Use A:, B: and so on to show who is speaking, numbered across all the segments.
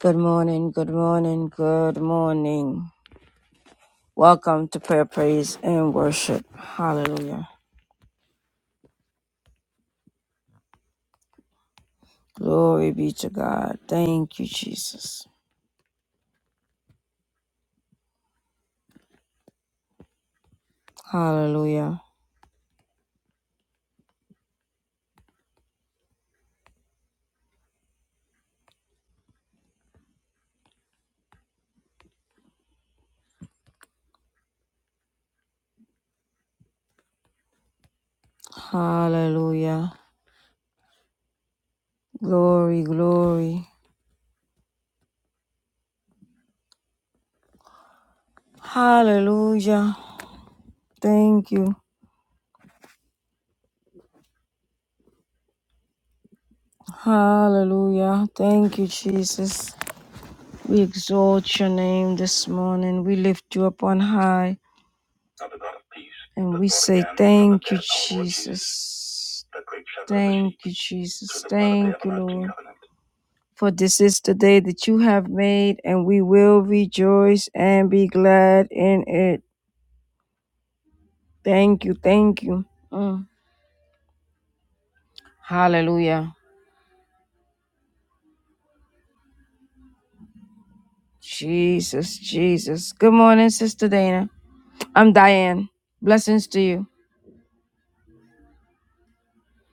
A: Good morning, good morning, good morning. Welcome to prayer, praise, and worship. Hallelujah. Glory be to God. Thank you, Jesus. Hallelujah. Hallelujah. Glory, glory. Hallelujah. Thank you. Hallelujah. Thank you, Jesus. We exalt your name this morning. We lift you up on high and we say thank you, Jesus. Thank you, Jesus. Thank you, Lord. For this is the day that you have made, and we will rejoice and be glad in it. Thank you. Thank you. Mm. Hallelujah. Jesus, Jesus. Good morning, Sister Dana. I'm Diane. Blessings to you.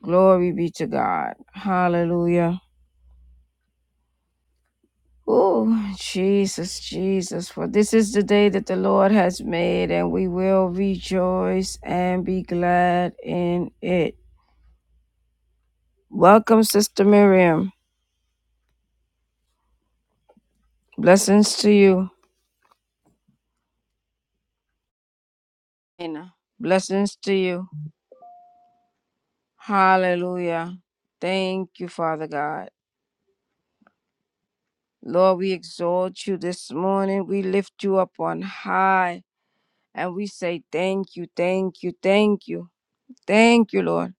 A: Glory be to God. Hallelujah. Oh, Jesus, Jesus. For this is the day that the Lord has made, and we will rejoice and be glad in it. Welcome, Sister Miriam. Blessings to you. Amen. Blessings to you. Hallelujah. Thank you, Father God. Lord, we exalt you this morning. We lift you up on high and we say thank you, thank you, thank you. Thank you, Lord.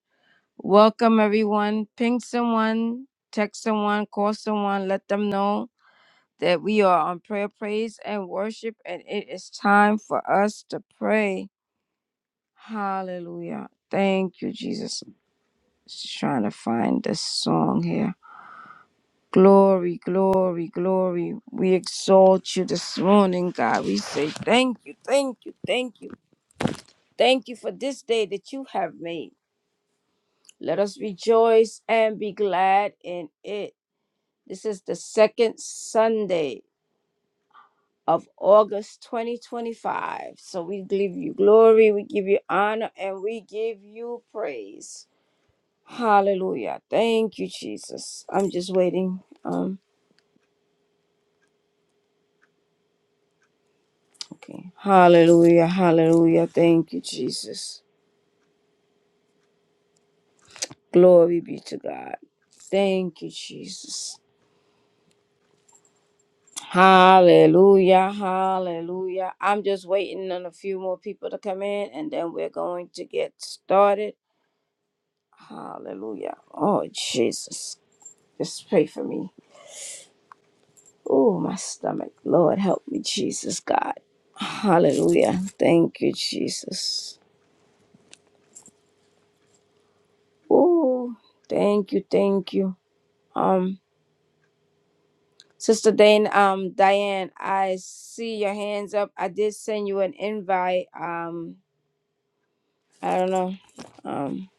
A: Welcome, everyone. Ping someone, text someone, call someone, let them know that we are on prayer, praise, and worship, and it is time for us to pray. Hallelujah. Thank you, Jesus. Just trying to find this song here. Glory, glory, glory. We exalt you this morning, God. We say thank you, thank you, thank you. Thank you for this day that you have made. Let us rejoice and be glad in it. This is the second Sunday of August 2025. So we give you glory, we give you honor, and we give you praise. Hallelujah. Thank you, Jesus. I'm just waiting. Um, okay. Hallelujah. Hallelujah. Thank you, Jesus. Glory be to God. Thank you, Jesus. Hallelujah. Hallelujah. I'm just waiting on a few more people to come in and then we're going to get started. Hallelujah. Oh, Jesus. Just pray for me. Oh, my stomach. Lord, help me, Jesus, God. Hallelujah. Thank you, Jesus. Oh, thank you, thank you. Um, Sister Dane, um, Diane, I see your hands up. I did send you an invite. Um, I don't know. Um,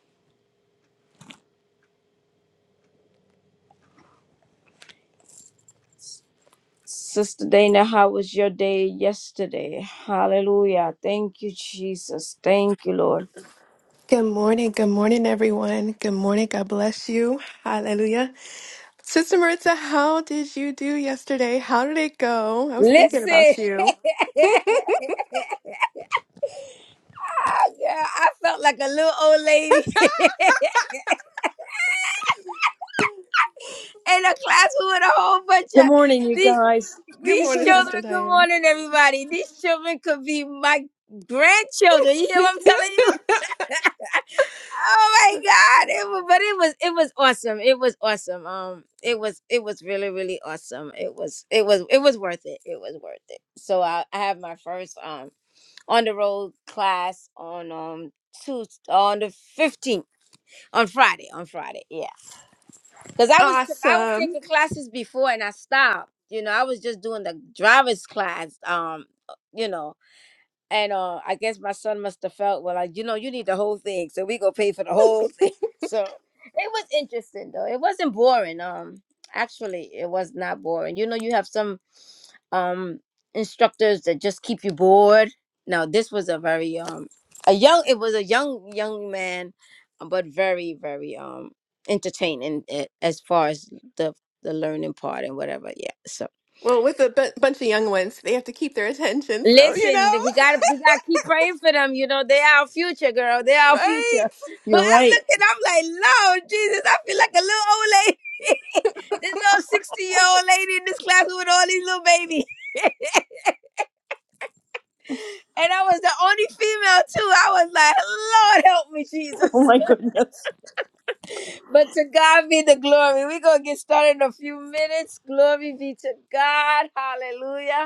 A: Sister Dana, how was your day yesterday? Hallelujah. Thank you, Jesus. Thank you, Lord.
B: Good morning. Good morning, everyone. Good morning. God bless you. Hallelujah. Sister Maritza, how did you do yesterday? How did it go? I was thinking
A: Listen,
B: about you.
A: Ah, girl, I felt like a little old lady. in a classroom with a whole bunch
C: Good
A: of
C: morning, you
A: these
C: guys.
B: Good
A: these
B: morning,
A: children.
B: Sister
A: Good
B: Diane.
A: morning, everybody. These children could be my grandchildren. You hear what I'm telling you? Oh my God! It was, but it was it was awesome. It was awesome. Um, it was it was really really awesome. It was it was it was worth it. It was worth it. So I, I have my first um on the road class on um Tuesday on the fifteenth on Friday on Friday. Yeah. Cause I was I was
B: awesome.
A: taking classes before and I stopped. You know, I was just doing the driver's class. Um, you know, and uh, I guess my son must have felt, well, like, you know, you need the whole thing, so we go pay for the whole thing. So it was interesting though. It wasn't boring. Um, actually, it was not boring. You know, you have some um instructors that just keep you bored. Now, this was a very um a young. It was a young young man, but very very um entertaining eh, as far as the the learning part and whatever. Yeah. so,
B: Well, with a bu- bunch of young ones, they have to keep their attention. So, you
A: Listen,
B: know,
A: we got we got to keep praying for them. You know, they our future, girl. They our
B: right?
A: future. Well,
C: You're
A: I'm
C: right.
A: looking. I'm like, Lord Jesus, I feel like a little old lady. this little sixty year old lady in this class with all these little babies, and I was the only female too. I was like, Lord, help me,
C: Oh
A: Jesus.
C: my goodness.
A: but to God be the glory. We're gonna get started in a few minutes. Glory be to God. Hallelujah.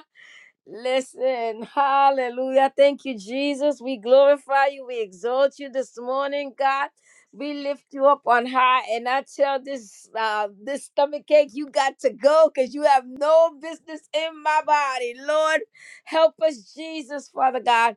A: Listen, hallelujah. Thank you, Jesus. We glorify you. We exalt you this morning, God. We lift you up on high. And I tell this uh, this stomach ache, you got to go because you have no business in my body. Lord, help us, Jesus, Father God.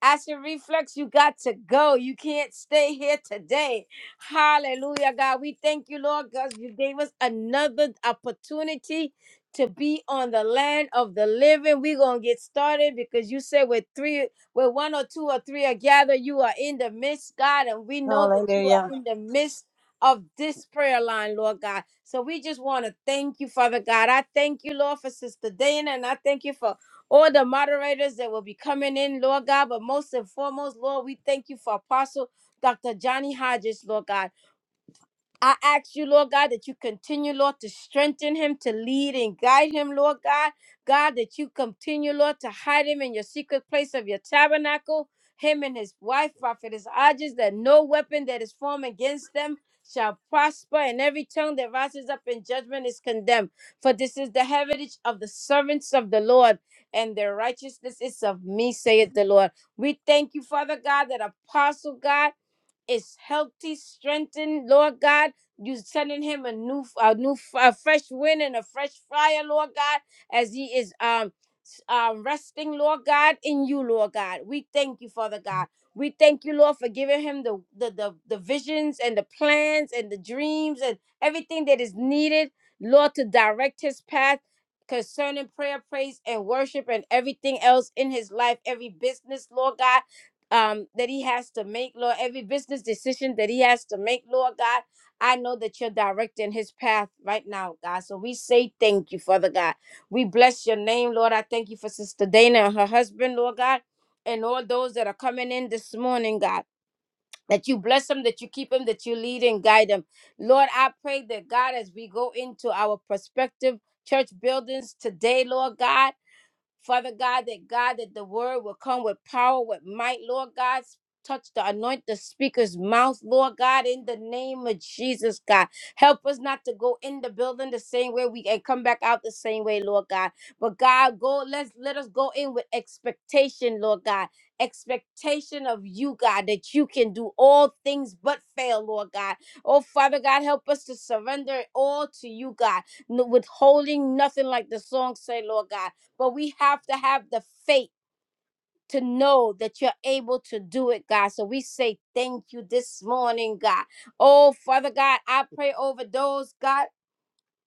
A: Acid reflex, you got to go. You can't stay here today. Hallelujah, God. We thank you, Lord, because you gave us another opportunity to be on the land of the living. We're gonna get started because you said with three, with one or two or three are gathered, you are in the midst, God, and we know that you
C: Hallelujah.
A: are in the midst of this prayer line, Lord God. So we just want to thank you, Father God. I thank you, Lord, for Sister Dana, and I thank you for all the moderators that will be coming in, Lord God. But most and foremost, Lord, we thank you for Apostle Dr. Johnny Hodges, Lord God. I ask you, Lord God, that you continue, Lord, to strengthen him, to lead and guide him, Lord God. God, that you continue, Lord, to hide him in your secret place of your tabernacle, him and his wife, prophetess Hodges, that no weapon that is formed against them shall prosper, and every tongue that rises up in judgment is condemned. For this is the heritage of the servants of the Lord, and their righteousness is of me, saith the Lord. We thank you, Father God, that apostle God is healthy, strengthened, Lord God. You sending him a new, a new, a fresh wind and a fresh fire, Lord God, as he is um, s- um resting, Lord God, in you, Lord God. We thank you, Father God. We thank you, Lord, for giving him the the the, the visions and the plans and the dreams and everything that is needed, Lord, to direct his path concerning prayer, praise, and worship and everything else in his life, every business, Lord God um, that he has to make, Lord, every business decision that he has to make, Lord God. I know that you're directing his path right now, God. So we say thank you, Father God. We bless your name, Lord. I thank you for Sister Dana and her husband, Lord God, and all those that are coming in this morning, God. That you bless them, that you keep them, that you lead and guide them. Lord, I pray that God, as we go into our prospective church buildings today, Lord God. Father God, that God, that the word will come with power, with might, Lord God. Touch the anoint the speaker's mouth, Lord God, in the name of Jesus, God. Help us not to go in the building the same way we and come back out the same way, Lord God. But God, go, let's let us go in with expectation, Lord God. Expectation of you, God, that you can do all things but fail, Lord God. Oh, Father God, help us to surrender it all to you, God, n- withholding nothing like the song say, Lord God but we have to have the faith to know that you're able to do it, God. So we say thank you this morning, God. Oh, Father God, I pray over those, God.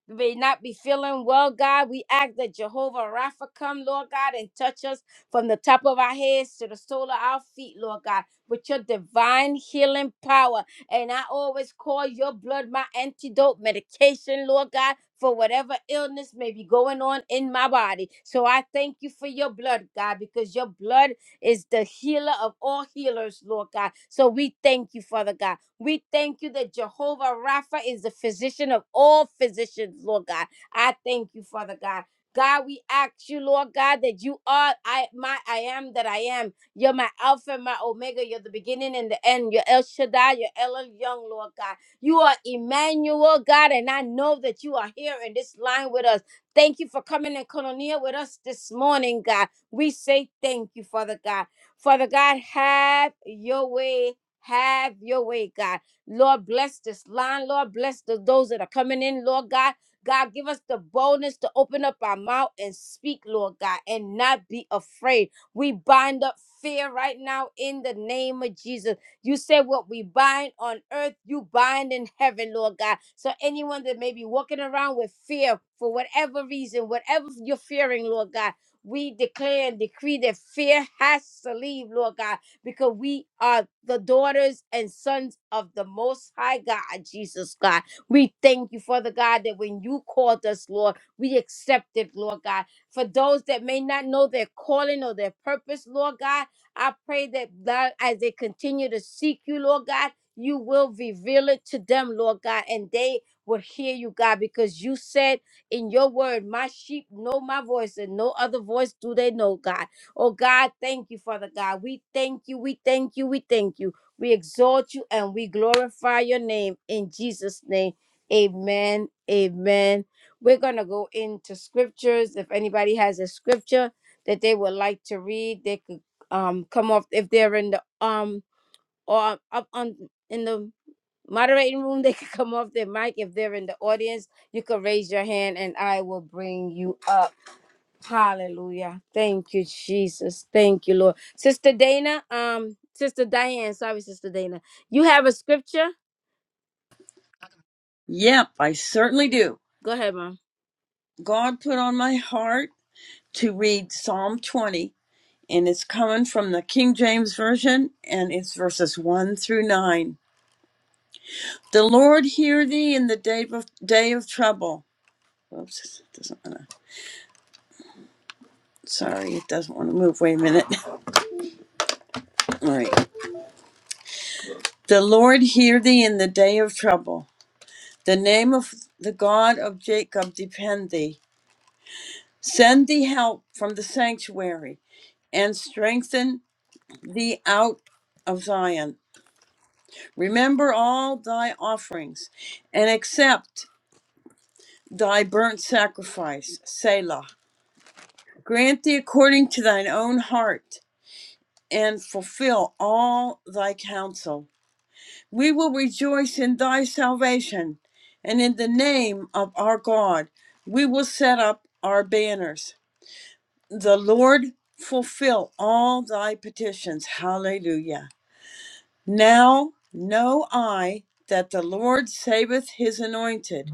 A: We may not be feeling well, God. We ask that Jehovah Rapha come, Lord God, and touch us from the top of our heads to the sole of our feet, Lord God, with your divine healing power. And I always call your blood my antidote medication, Lord God. For whatever illness may be going on in my body. So I thank you for your blood, God, because your blood is the healer of all healers, Lord God. So we thank you, Father God. We thank you that Jehovah Rapha is the physician of all physicians, Lord God. I thank you, Father God. God, we ask you, Lord God, that you are I my I am that I am. You're my Alpha and my Omega. You're the beginning and the end. You're El Shaddai. You're El Young, Lord God. You are Emmanuel, God, and I know that you are here in this line with us. Thank you for coming and colonia with us this morning, God. We say thank you, Father God. Father God, have your way have your way, God. Lord, bless this line. Lord, bless the, those that are coming in, Lord God. God, give us the boldness to open up our mouth and speak, Lord God, and not be afraid. We bind up fear right now in the name of Jesus. You said what we bind on earth, you bind in heaven, Lord God. So anyone that may be walking around with fear for whatever reason, whatever you're fearing, Lord God, we declare and decree that fear has to leave, Lord God because we are the daughters and sons of the Most High God, Jesus God. We thank you, Father God, that when you called us, Lord, we accepted, Lord God. For those that may not know their calling or their purpose, Lord God, I pray that God, as they continue to seek you, Lord God, you will reveal it to them, Lord God, and they will hear you, God, because you said in your word, My sheep know my voice, and no other voice do they know, God. Oh God, thank you, Father God. We thank you, we thank you, we thank you. We exalt you and we glorify your name in Jesus' name. Amen. Amen. We're going to go into scriptures. If anybody has a scripture that they would like to read, they could um come off if they're in the um or up on in the moderating room, they could come off their mic. If they're in the audience, you could raise your hand and I will bring you up. Hallelujah. Thank you, Jesus. Thank you, Lord. Sister Dana, um, Sister Diane, sorry, Sister Dana. You have a scripture?
C: Yep, I certainly do.
A: Go ahead, Mom.
C: God put on my heart to read Psalm 20, and it's coming from the King James Version, and it's verses 1 through 9. The Lord hear thee in the day of, day of trouble. Oops, it doesn't want to. Sorry, it doesn't want to move. Wait a minute. All right. The Lord hear thee in the day of trouble. The name of the God of Jacob depend thee. Send thee help from the sanctuary and strengthen thee out of Zion. Remember all thy offerings and accept thy burnt sacrifice, Selah. Grant thee according to thine own heart and fulfill all thy counsel. We will rejoice in thy salvation, and in the name of our God we will set up our banners. the Lord fulfill all thy petitions. Hallelujah. Now know I that the Lord saveth his anointed.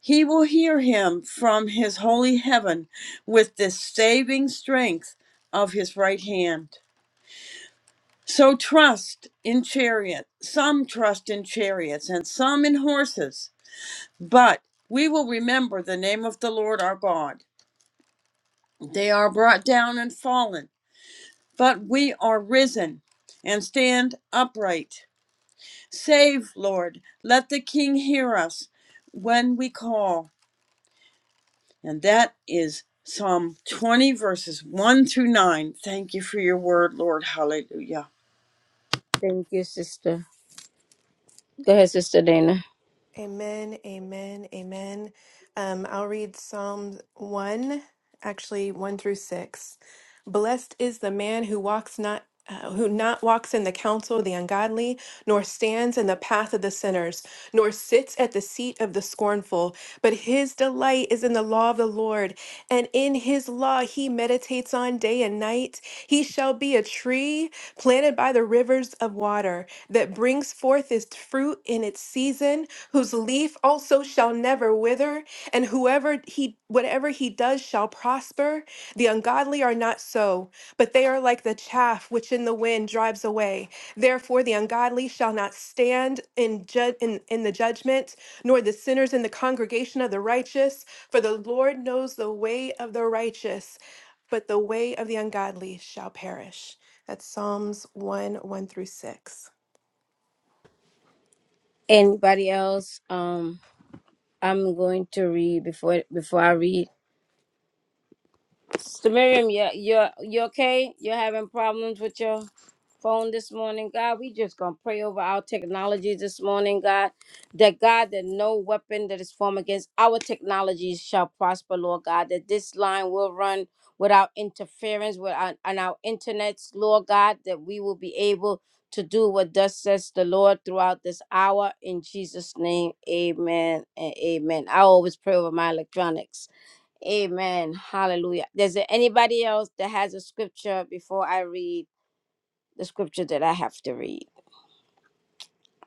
C: He will hear him from his holy heaven with the saving strength of his right hand. So trust in chariot. Some trust in chariots and some in horses. But we will remember the name of the Lord our God. They are brought down and fallen but we are risen and stand upright. Save, Lord, let the King hear us when we call. And that is Psalm 20, verses 1 through 9. Thank you for your word, Lord. Hallelujah.
A: Thank you, Sister. Go ahead, Sister Dana.
B: Amen, amen, amen. Um, I'll read Psalm 1, actually 1 through 6. Blessed is the man who walks not. Uh, who not walks in the counsel of the ungodly, nor stands in the path of the sinners, nor sits at the seat of the scornful, but his delight is in the law of the Lord, and in his law he meditates on day and night. He shall be a tree planted by the rivers of water that brings forth its fruit in its season, whose leaf also shall never wither, and whoever he whatever he does shall prosper. The ungodly are not so, but they are like the chaff which in the wind drives away. Therefore the ungodly shall not stand in ju- in, in the judgment, nor the sinners in the congregation of the righteous, for the Lord knows the way of the righteous, but the way of the ungodly shall perish. That's Psalms 1 1 through 6.
A: Anybody else? Um, I'm going to read before before I read. So Miriam, you you you okay? You're having problems with your phone this morning, God. We just gonna pray over our technology this morning, God. That God, that no weapon that is formed against our technologies shall prosper, Lord God. That this line will run without interference with our, on our internets, Lord God. That we will be able to do what thus says the Lord throughout this hour. In Jesus' name, Amen and Amen. I always pray over my electronics. Amen. Hallelujah. Is there anybody else that has a scripture before I read the scripture that I have to read?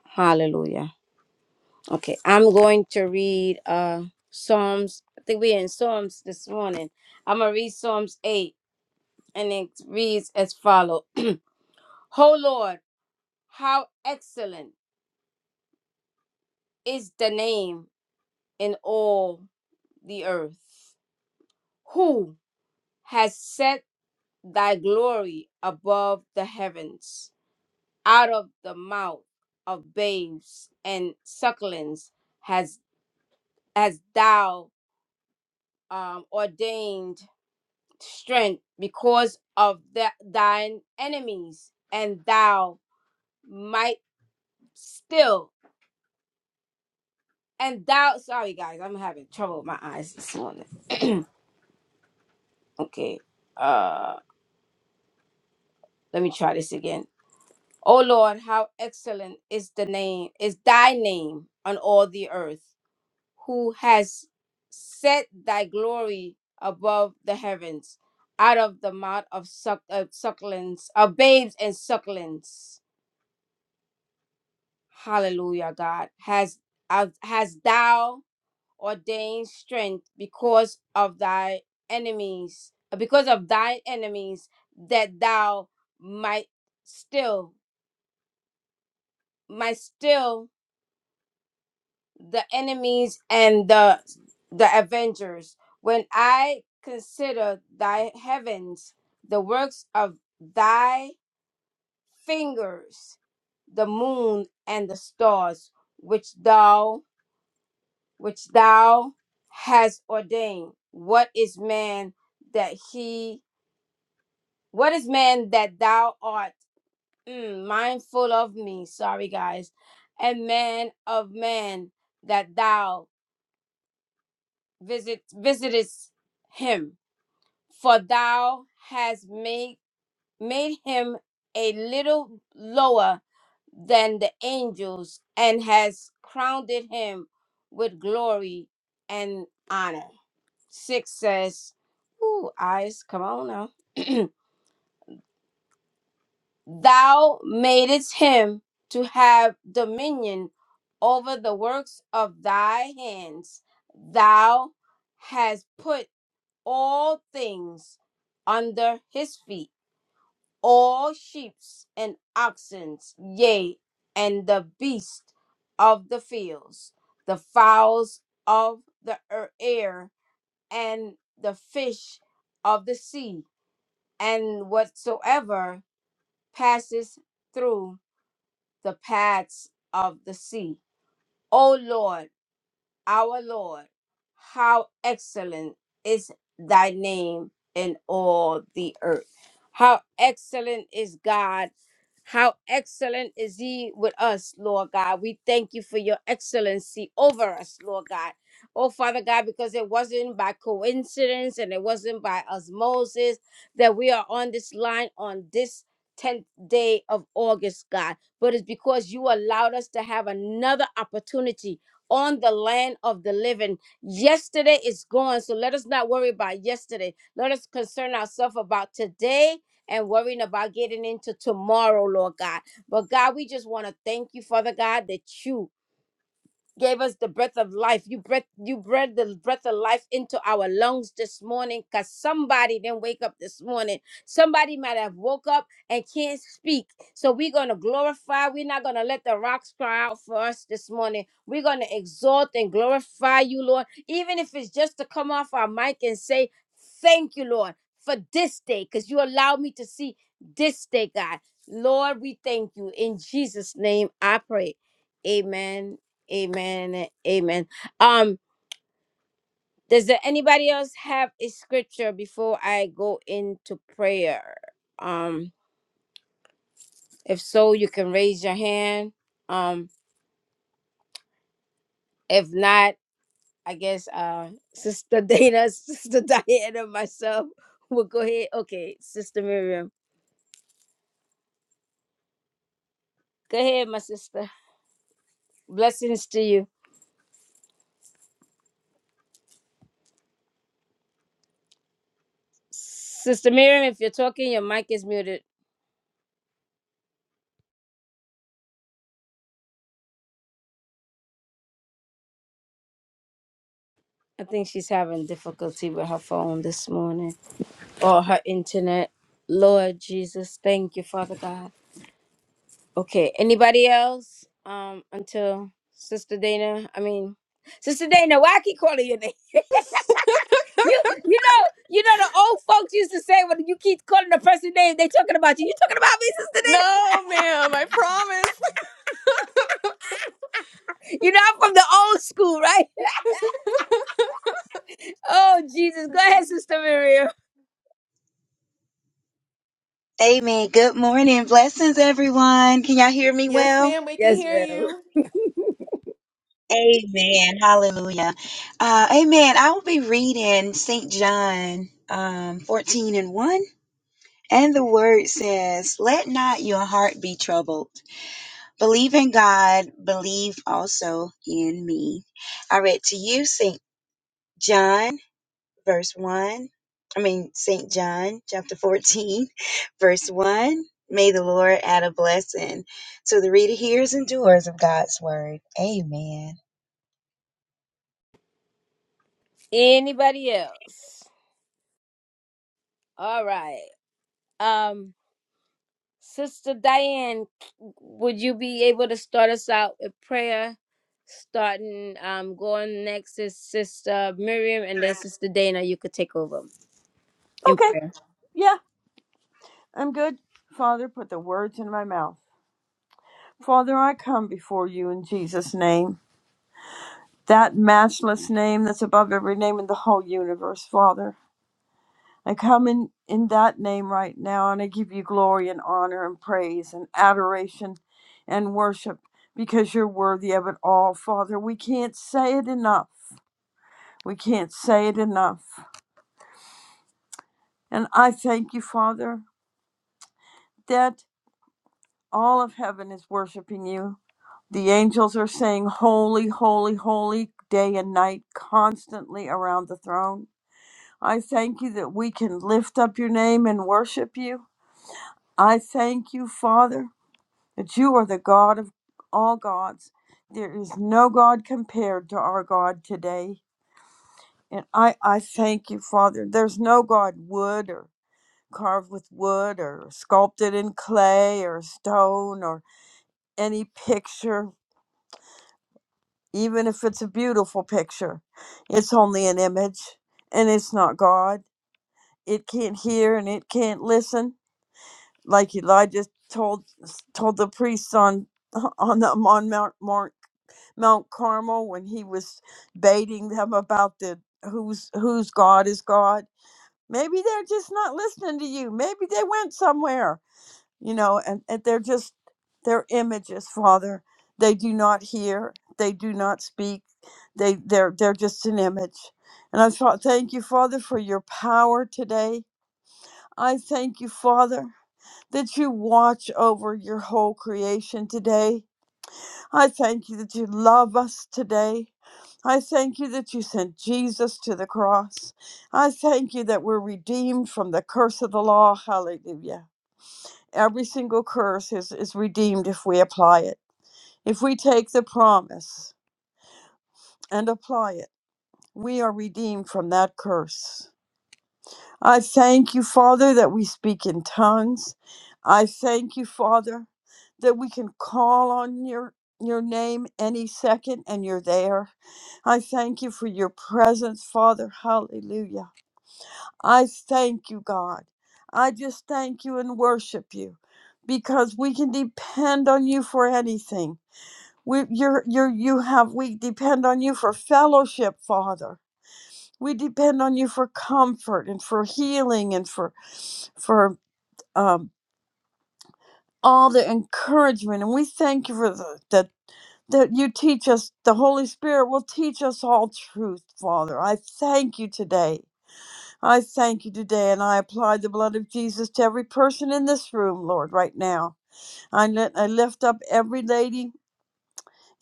A: Hallelujah. Okay, I'm going to read uh Psalms. I think we're in Psalms this morning. I'm gonna read Psalms 8, and it reads as follows. Oh Lord, how excellent is the name in all the earth. Who has set thy glory above the heavens? out of the mouth of babes and sucklings has has thou um, ordained strength because of the, thine enemies and thou might still and thou sorry guys i'm having trouble with my eyes this morning okay uh let me try this again O Lord, how excellent is the name, is thy name on all the earth, who has set thy glory above the heavens, out of the mouth of suck, uh, sucklings, of babes and sucklings. Hallelujah, God. Has uh, has thou ordained strength because of thy enemies, uh, because of thine enemies, that thou might still, might still the enemies and the the avengers when i consider thy heavens the works of thy fingers the moon and the stars which thou which thou hast ordained what is man that he what is man that thou art mm, mindful of me sorry guys and man of man that thou. visit visitest him, for thou hast made made him a little lower than the angels, and has crowned him with glory and honor. Six says, Ooh, eyes, come on now. thou madest him to have dominion over the works of thy hands. Thou hast put all things under his feet, all sheep and oxen, yea, and the beasts of the fields, the fowls of the er- air, and the fish of the sea, and whatsoever passes through the paths of the sea. O Lord, our Lord, how excellent is thy name in all the earth. How excellent is God. How excellent is he with us, Lord God. We thank you for your excellency over us, Lord God. Oh, Father God, because it wasn't by coincidence and it wasn't by osmosis that we are on this line on this 10th day of August, God, but it's because you allowed us to have another opportunity on the land of the living. Yesterday is gone, so let us not worry about yesterday. Let us concern ourselves about today and worrying about getting into tomorrow, Lord God. But God, we just want to thank you, Father God, that you gave us the breath of life. You breath, you breathed the breath of life into our lungs this morning because somebody didn't wake up this morning. Somebody might have woke up and can't speak. So we're gonna glorify. We're not gonna let the rocks cry out for us this morning. We're gonna exalt and glorify you, Lord. Even if it's just to come off our mic and say, Thank you, Lord, for this day, because you allowed me to see this day, God. Lord, we thank you. In Jesus' name I pray. Amen Amen. Amen. Um, does there anybody else have a scripture before I go into prayer? Um, if so, you can raise your hand. Um, if not, I guess uh Sister Dana, Sister Diana, myself will go ahead. Okay, Sister Miriam. Go ahead, my sister. Blessings to you. Sister Miriam, if you're talking, your mic is muted. I think she's having difficulty with her phone this morning. or her internet. Lord Jesus, thank you, Father God. Okay, anybody else? Um, until Sister Dana, I mean, Sister Dana, why I keep calling your name? You, you know, you know the old folks used to say when you keep calling the person name, they talking about you. You talking about me, Sister
B: No, ma'am, I promise.
A: Dana? You know I'm from the old school, right? Oh Jesus, go ahead, Sister Miriam.
D: Amen. Good morning. Blessings, everyone. Can y'all hear me
B: Yes,
D: well?
B: ma'am, we can
A: Yes,
B: hear
A: ma'am.
B: you.
D: Amen. Hallelujah. Uh, amen. I will be reading St. John um, 14 and 1. And the word says, Let not your heart be troubled. Believe in God, believe also in me. I read to you, St. John verse 1. I mean, St. John chapter 14, verse 1. May the Lord add a blessing to the reader, hearers, and doers of God's word. Amen.
A: Anybody else? All right. Um. Sister Diane, would you be able to start us out with prayer? Starting, um, going next is Sister Miriam, and then Sister Dana. You could take over in
C: Okay,
A: prayer.
C: yeah, I'm good. Father, put the words in my mouth. Father, I come before you in Jesus' name, that matchless name that's above every name in the whole universe, Father. I come in, in that name right now and I give you glory and honor and praise and adoration and worship because you're worthy of it all, Father. We can't say it enough. We can't say it enough. And I thank you, Father, that all of heaven is worshiping you. The angels are saying, Holy, holy, holy, day and night, constantly around the throne. I thank you that we can lift up your name and worship you. I thank you, Father, that you are the God of all gods. There is no God compared to our God today. And I, I thank you, Father. There's no God wood or carved with wood or sculpted in clay or stone or any picture, even if it's a beautiful picture. It's only an image and it's not God. It can't hear and it can't listen like Elijah told told the priests on on the on Mount Mount, Mount Carmel when he was baiting them about the whose whose God is God. Maybe they're just not listening to you. Maybe they went somewhere, you know, and, and they're just they're images, Father. They do not hear. They do not speak. They they're they're just an image. And I thought, thank you, Father, for your power today. I thank you, Father that you watch over your whole creation today. I thank you that you love us today. I thank you that you sent Jesus to the cross. I thank you that we're redeemed from the curse of the law. Hallelujah. Every single curse is, is redeemed if we apply it. If we take the promise and apply it, we are redeemed from that curse. I thank you, Father, that we speak in tongues. I thank you, Father, that we can call on your your name any second and you're there. I thank you for your presence, Father. Hallelujah. I thank you, God. I just thank you and worship you because we can depend on you for anything. We, you're, you're, you have, we depend on you for fellowship, Father. We depend on you for comfort and for healing and for for um, all the encouragement. And we thank you for the, that that you teach us. The Holy Spirit will teach us all truth, Father. I thank you today. I thank you today, and I apply the blood of Jesus to every person in this room, Lord, right now. I, li- I lift up every lady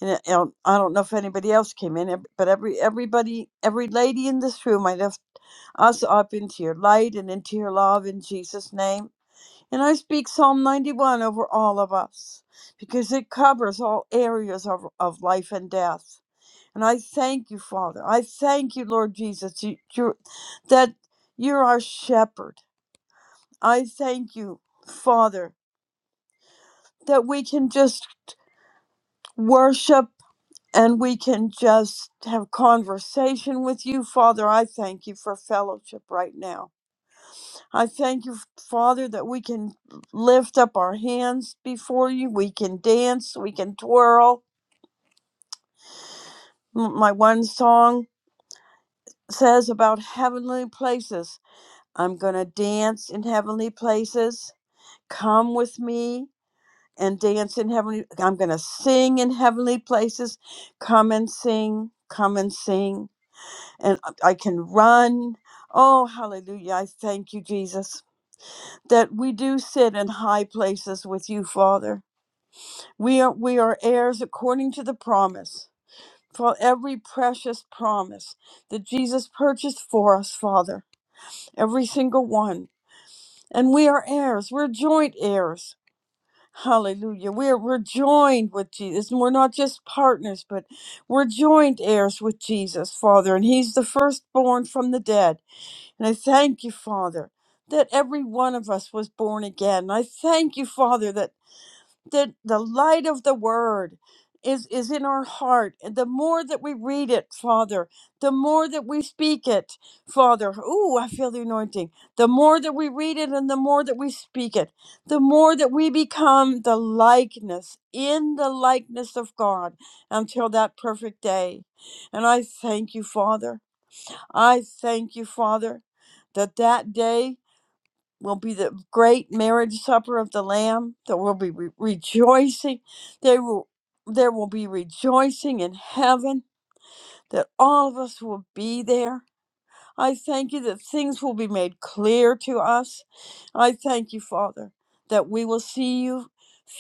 C: and it- um, I don't know if anybody else came in, ev- but every everybody, every lady in this room, I lift us up into your light and into your love in Jesus' name. And I speak Psalm 91 over all of us because it covers all areas of, of life and death. And I thank you, Father. I thank you, Lord Jesus, you, you're, that you're our shepherd. I thank you, Father, that we can just worship and we can just have conversation with you father i thank you for fellowship right now i thank you father that we can lift up our hands before you we can dance we can twirl M- my one song says about heavenly places i'm going to dance in heavenly places come with me and dance in heavenly i'm going to sing in heavenly places come and sing come and sing and I I can run. Oh, hallelujah. I thank you, Jesus, that we do sit in high places with you, Father. We are, we are heirs according to the promise, for every precious promise that Jesus purchased for us, Father, every single one. And we are heirs, we're joint heirs. Hallelujah. We're, we're joined with Jesus. And we're not just partners, but we're joint heirs with Jesus, Father. And He's the firstborn from the dead And I thank you, Father, that every one of us was born again. I thank you, Father, that, that the light of the word is, is in our heart. And the more that we read it, Father, the more that we speak it, Father, ooh, I feel the anointing. The more that we read it and the more that we speak it, the more that we become the likeness, in the likeness of God until that perfect day. And I thank you, Father. I thank you, Father, that that day will be the great marriage supper of the Lamb, that will be re- rejoicing. There will, there will be rejoicing in heaven, that all of us will be there. I thank you that things will be made clear to us. I thank you, Father, that we will see you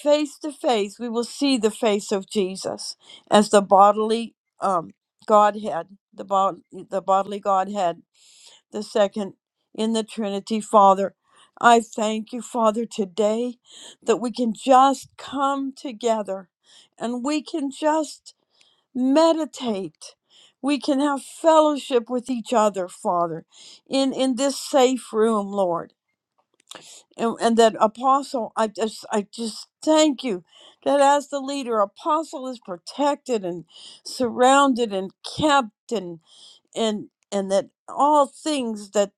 C: face to face. We will see the face of Jesus as the bodily um, Godhead, the, bod- the bodily Godhead the second in the Trinity, Father. I thank you, Father, today that we can just come together and we can just meditate. We can have fellowship with each other, Father, in, in this safe room, Lord. And, and that apostle, I just I just thank you that as the leader, apostle is protected and surrounded and kept and and and that all things that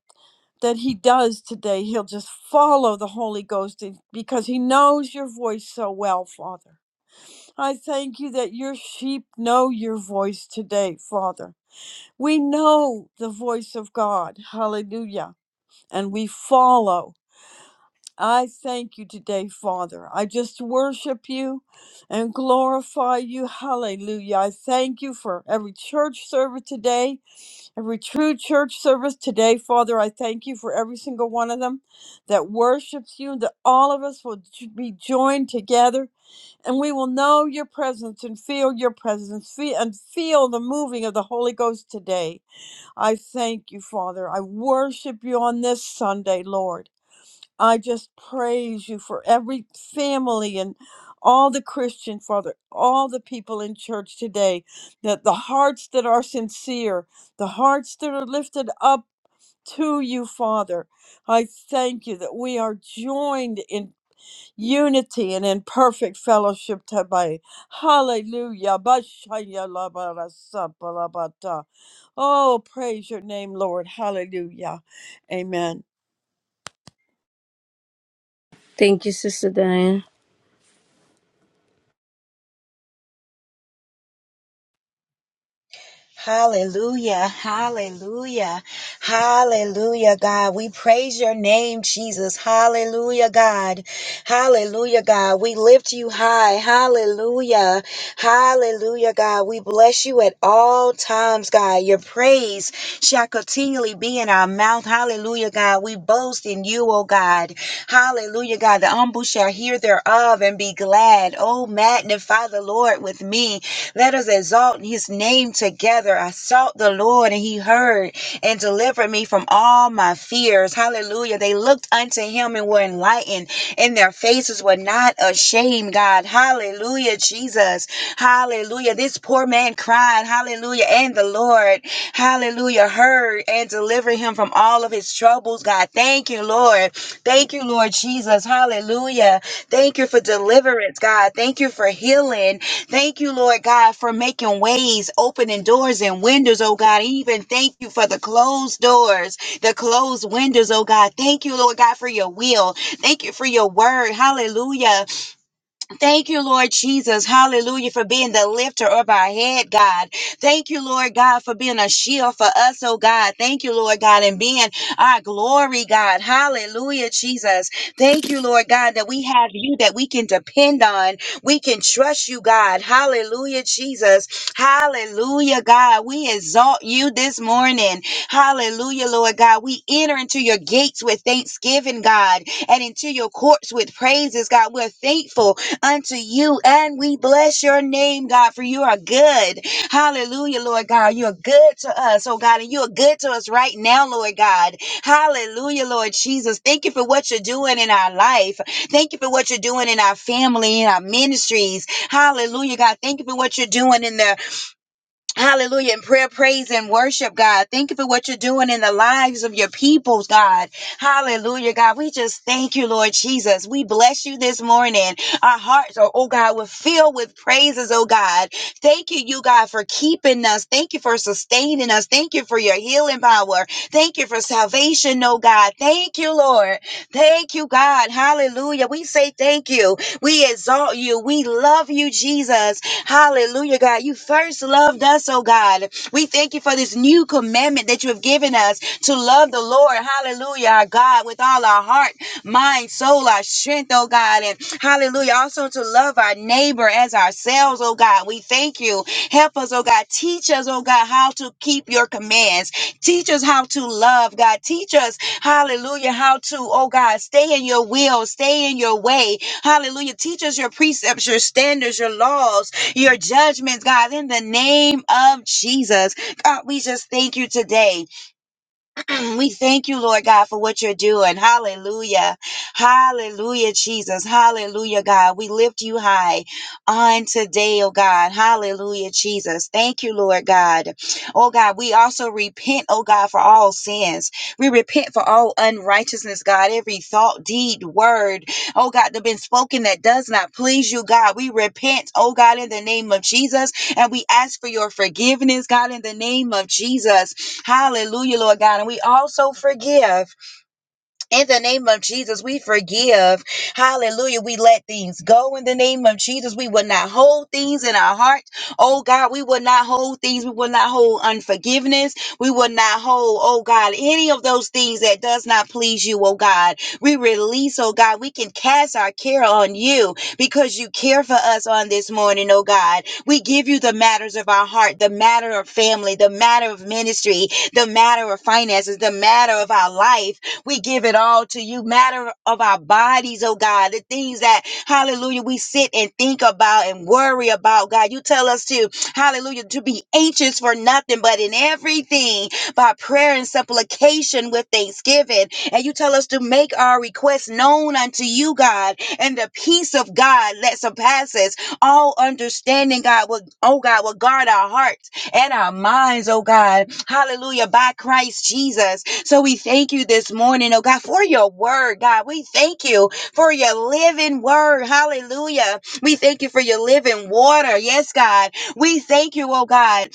C: that he does today. He'll just follow the Holy Ghost in- because he knows your voice so well, Father. I thank you that your sheep know your voice today, Father. We know the voice of God. Hallelujah. And we follow. I thank you today, Father. I just worship you and glorify you. Hallelujah. I thank you for every church service today. Every true church service today, Father, I thank you for every single one of them that worships you, that all of us will j- be joined together and we will know your presence and feel your presence fe- and feel the moving of the Holy Ghost today. I thank you, Father. I worship you on this Sunday, Lord. I just praise you for every family and all the Christian, Father, all the people in church today, that the hearts that are sincere, the hearts that are lifted up to you, Father. I thank you that we are joined in unity and in perfect fellowship today. Hallelujah. Bashaya la ba ra sa ba la ba ta. Oh, praise your name, Lord. Hallelujah. Amen.
A: Thank you, Sister Diane.
D: Hallelujah, hallelujah, hallelujah, God. We praise your name, Jesus. Hallelujah, God. Hallelujah, God. We lift you high. Hallelujah, hallelujah, God. We bless you at all times, God. Your praise shall continually be in our mouth. Hallelujah, God. We boast in you, oh God. Hallelujah, God. The humble shall hear thereof and be glad. Oh, magnify the Lord with me. Let us exalt his name together. I sought the Lord and he heard and delivered me from all my fears. Hallelujah. They looked unto him and were enlightened, and their faces were not ashamed, God. Hallelujah, Jesus. Hallelujah. This poor man cried, Hallelujah. And the Lord, Hallelujah, heard and delivered him from all of his troubles, God. Thank you, Lord. Thank you, Lord Jesus. Hallelujah. Thank you for deliverance, God. Thank you for healing. Thank you, Lord God, for making ways, opening doors and windows, oh God. Even thank you for the closed doors, the closed windows, oh God. Thank you, Lord God, for your will. Thank you for your word. Hallelujah. Thank you, Lord Jesus. Hallelujah for being the lifter of our head, God. Thank you, Lord God, for being a shield for us, oh God. Thank you, Lord God, and being our glory, God. Hallelujah, Jesus. Thank you, Lord God, that we have you that we can depend on. We can trust you, God. Hallelujah, Jesus. Hallelujah, God. We exalt you this morning. Hallelujah, Lord God. We enter into your gates with thanksgiving, God, and into your courts with praises, God. We're thankful unto you. And we bless your name, God, for you are good. Hallelujah, Lord God. You're good to us, oh God, and you're good to us right now, Lord God. Hallelujah, Lord Jesus. Thank you for what you're doing in our life. Thank you for what you're doing in our family, in our ministries. Hallelujah, God. Thank you for what you're doing in the. Hallelujah. In prayer, praise, and worship, God. Thank you for what you're doing in the lives of your peoples, God. Hallelujah, God. We just thank you, Lord Jesus. We bless you this morning. Our hearts are, oh God, we're filled with praises, oh God. Thank you, you, God, for keeping us. Thank you for sustaining us. Thank you for your healing power. Thank you for salvation, oh God. Thank you, Lord. Thank you, God. Hallelujah. We say thank you. We exalt you. We love you, Jesus. Hallelujah, God. You first loved us, oh God. We thank you for this new commandment that you have given us to love the Lord. Hallelujah, our God, with all our heart, mind, soul, our strength, oh God. And hallelujah, also to love our neighbor as ourselves, oh God. We thank you. Help us, oh God. Teach us, oh God, how to keep your commands. Teach us how to love, God. Teach us, hallelujah, how to, oh God, stay in your will, stay in your way. Hallelujah. Teach us your precepts, your standards, your laws your judgments, God, in the name of Jesus. God, we just thank you today. we thank you, Lord God, for what you're doing. Hallelujah. Hallelujah, Jesus. Hallelujah, God. We lift you high on today, oh God. Hallelujah, Jesus. Thank you, Lord God. Oh God, we also repent, oh God, for all sins. We repent for all unrighteousness, God. Every thought, deed, word, oh God, that been spoken that does not please you, God. We repent, oh God, in the name of Jesus. And we ask for your forgiveness, God, in the name of Jesus. Hallelujah, Lord God. And we also forgive. In the name of Jesus, we forgive. Hallelujah. We let things go in the name of Jesus. We will not hold things in our heart. Oh God, we will not hold things. We will not hold unforgiveness. We will not hold, oh God, any of those things that does not please you, oh God. We release, oh God. We can cast our care on you because you care for us on this morning, oh God. We give you the matters of our heart, the matter of family, the matter of ministry, the matter of finances, the matter of our life. We give it all to you. Matter of our bodies, oh God, the things that, hallelujah, we sit and think about and worry about, God. You tell us to, hallelujah, to be anxious for nothing, but in everything by prayer and supplication with thanksgiving. And you tell us to make our requests known unto you, God, and the peace of God that surpasses all understanding, God, will, oh God, will guard our hearts and our minds, oh God. Hallelujah. By Christ Jesus. So we thank you this morning, oh God, for your word, God. We thank you for your living word. Hallelujah. We thank you for your living water. Yes, God. We thank you, oh God.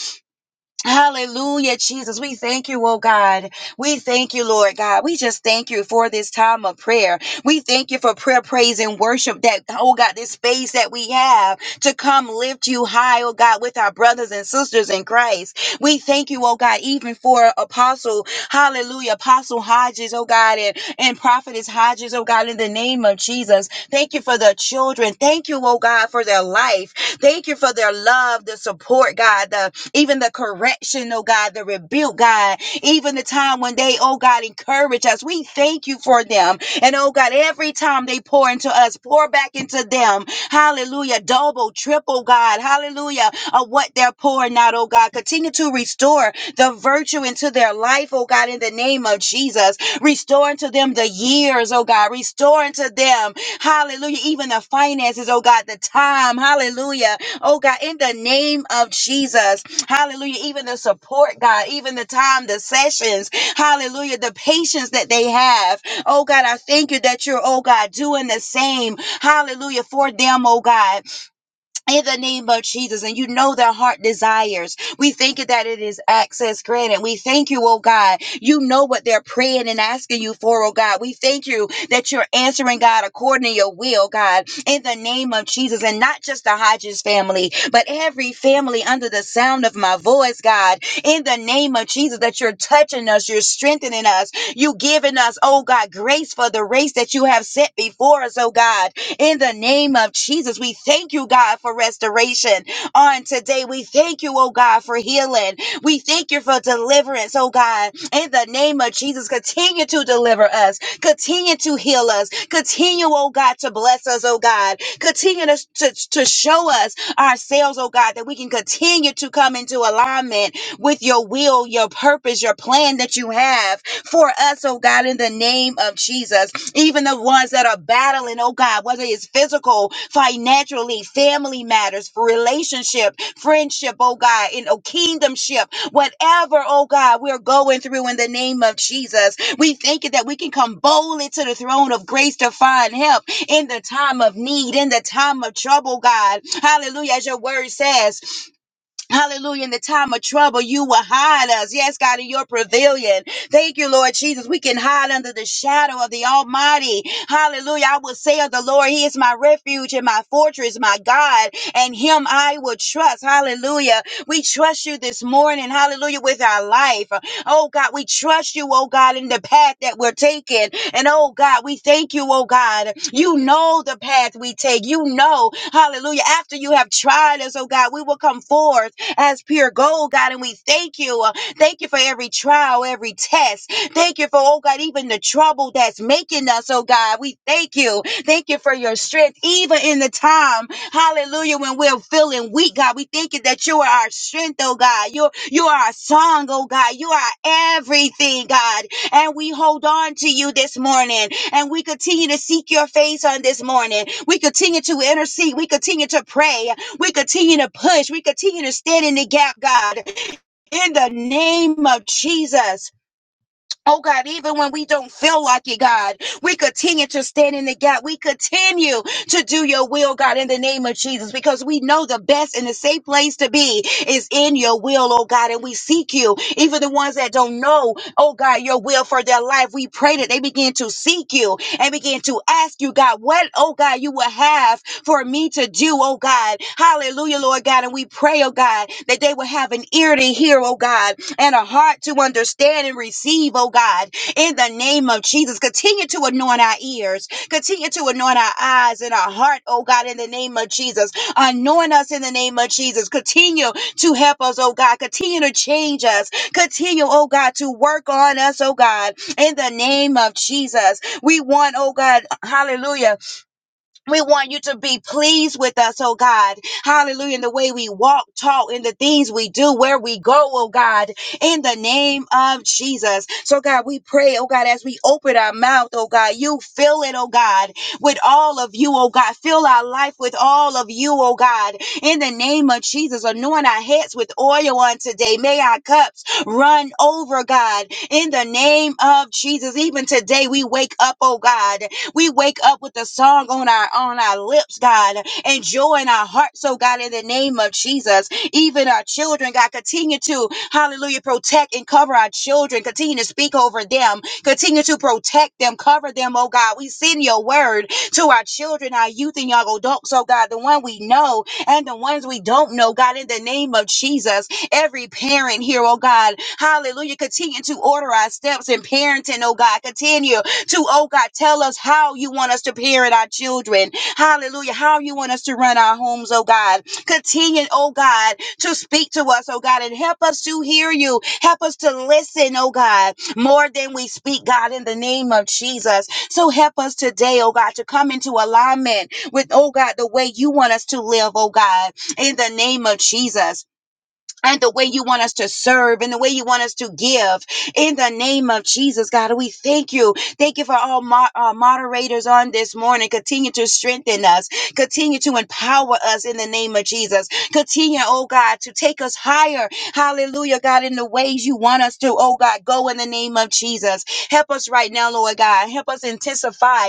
D: Hallelujah, Jesus. We thank you, oh God. We thank you, Lord God. We just thank you for this time of prayer. We thank you for prayer, praise, and worship that, oh God, this space that we have to come lift you high, oh God, with our brothers and sisters in Christ. We thank you, oh God, even for Apostle, hallelujah, Apostle Hodges, oh God, and, and Prophetess Hodges, oh God, in the name of Jesus. Thank you for the children. Thank you, oh God, for their life. Thank you for their love, the support, God, the even the correction, oh God, the rebuke, God, even the time when they, oh God, encourage us. We thank you for them. And oh God, every time they pour into us, pour back into them. Hallelujah. Double, triple, God. Hallelujah. Of what they're pouring out, oh God. Continue to restore the virtue into their life, oh God, in the name of Jesus. Restore unto them the years, oh God. Restore unto them, hallelujah, even the finances, oh God, the time, hallelujah, oh God, in the name of Jesus. Hallelujah. Even the support, God, even the time, the sessions. Hallelujah. The patience that they have. Oh God, I thank you that you're, oh God, doing the same. Hallelujah. For them, oh God in the name of Jesus, and you know their heart desires. We thank you that it is access granted. We thank you, oh God. You know what they're praying and asking you for, oh God. We thank you that you're answering, God, according to your will, God, in the name of Jesus, and not just the Hodges family, but every family under the sound of my voice, God, in the name of Jesus, that you're touching us, you're strengthening us, you giving us, oh God, grace for the race that you have set before us, oh God in the name of Jesus, we thank you, God, for restoration on today. We thank you, oh God, for healing. We thank you for deliverance, oh God. In the name of Jesus, continue to deliver us. Continue to heal us. Continue, oh God, to bless us, oh God. Continue to, to, to show us ourselves, oh God, that we can continue to come into alignment with your will, your purpose, your plan that you have for us, oh God, in the name of Jesus even the ones that are battling, oh God, whether it's physical, financially, family matters, for relationship, friendship, oh God, in oh, kingdomship, whatever, oh God, we're going through in the name of Jesus. We thank you that we can come boldly to the throne of grace to find help in the time of need, in the time of trouble, God. Hallelujah, as your word says. Hallelujah. In the time of trouble, you will hide us. Yes, God, in your pavilion. Thank you, Lord Jesus. We can hide under the shadow of the Almighty. Hallelujah. I will say of the Lord, He is my refuge and my fortress, my God, and Him I will trust. Hallelujah. We trust you this morning. Hallelujah. With our life. Oh, God, we trust you, oh, God, in the path that we're taking. And oh, God, we thank you, oh, God. You know the path we take. You know, hallelujah. After you have tried us, oh, God, we will come forth as pure gold, God. And we thank you. uh, Thank you for every trial, every test. Thank you for, oh God, even the trouble that's making us, oh God. We thank you. Thank you for your strength, even in the time, hallelujah, when we're feeling weak, God. We thank you that you are our strength, oh God. You, you are our song, oh God. You are everything, God. And we hold on to you this morning. And we continue to seek your face on this morning. We continue to intercede. We continue to pray. We continue to push. We continue to stand in the gap, God, in the name of Jesus. Oh God, even when we don't feel like it, God, we continue to stand in the gap. We continue to do your will, God, in the name of Jesus, because we know the best and the safe place to be is in your will, oh God. And we seek you, even the ones that don't know, oh God, your will for their life. We pray that they begin to seek you and begin to ask you, God, what, oh God, you will have for me to do, oh God. Hallelujah, Lord God. And we pray, oh God, that they will have an ear to hear, oh God and a heart to understand and receive, oh God, in the name of Jesus. Continue to anoint our ears, continue to anoint our eyes and our heart, oh God, in the name of Jesus. Anoint us in the name of Jesus. Continue to help us, oh God. Continue to change us. Continue, oh God, to work on us, oh God, in the name of Jesus. We want, oh God, hallelujah we want you to be pleased with us, oh God. Hallelujah. In the way we walk, talk, in the things we do, where we go, oh God, in the name of Jesus. So, God, we pray, oh God, as we open our mouth, oh God, you fill it, oh God, with all of you, oh God. Fill our life with all of you, oh God. In the name of Jesus, anoint our heads with oil on today. May our cups run over, God. In the name of Jesus, even today we wake up, oh God we wake up with a song on our on our lips, God, and joy in our hearts, oh God, in the name of Jesus. Even our children, God, continue to, hallelujah, protect and cover our children. Continue to speak over them. Continue to protect them, cover them, oh God. We send your word to our children, our youth, and young adults, oh God, the one we know and the ones we don't know, God, in the name of Jesus. Every parent here, oh God, hallelujah, continue to order our steps in parenting, oh God. Continue to, oh God, tell us how you want us to parent our children. Hallelujah. How you want us to run our homes, oh God. Continue, oh God, to speak to us, oh God, and help us to hear you. Help us to listen, oh God, more than we speak, God, in the name of Jesus. So help us today, oh God, to come into alignment with, oh God, the way you want us to live, oh God, in the name of Jesus and the way you want us to serve and the way you want us to give. In the name of Jesus, God, we thank you. Thank you for all mo- uh, moderators on this morning. Continue to strengthen us, continue to empower us in the name of Jesus. Continue, oh God, to take us higher. Hallelujah, God, in the ways you want us to, oh God, go in the name of Jesus. Help us right now, Lord God. Help us intensify.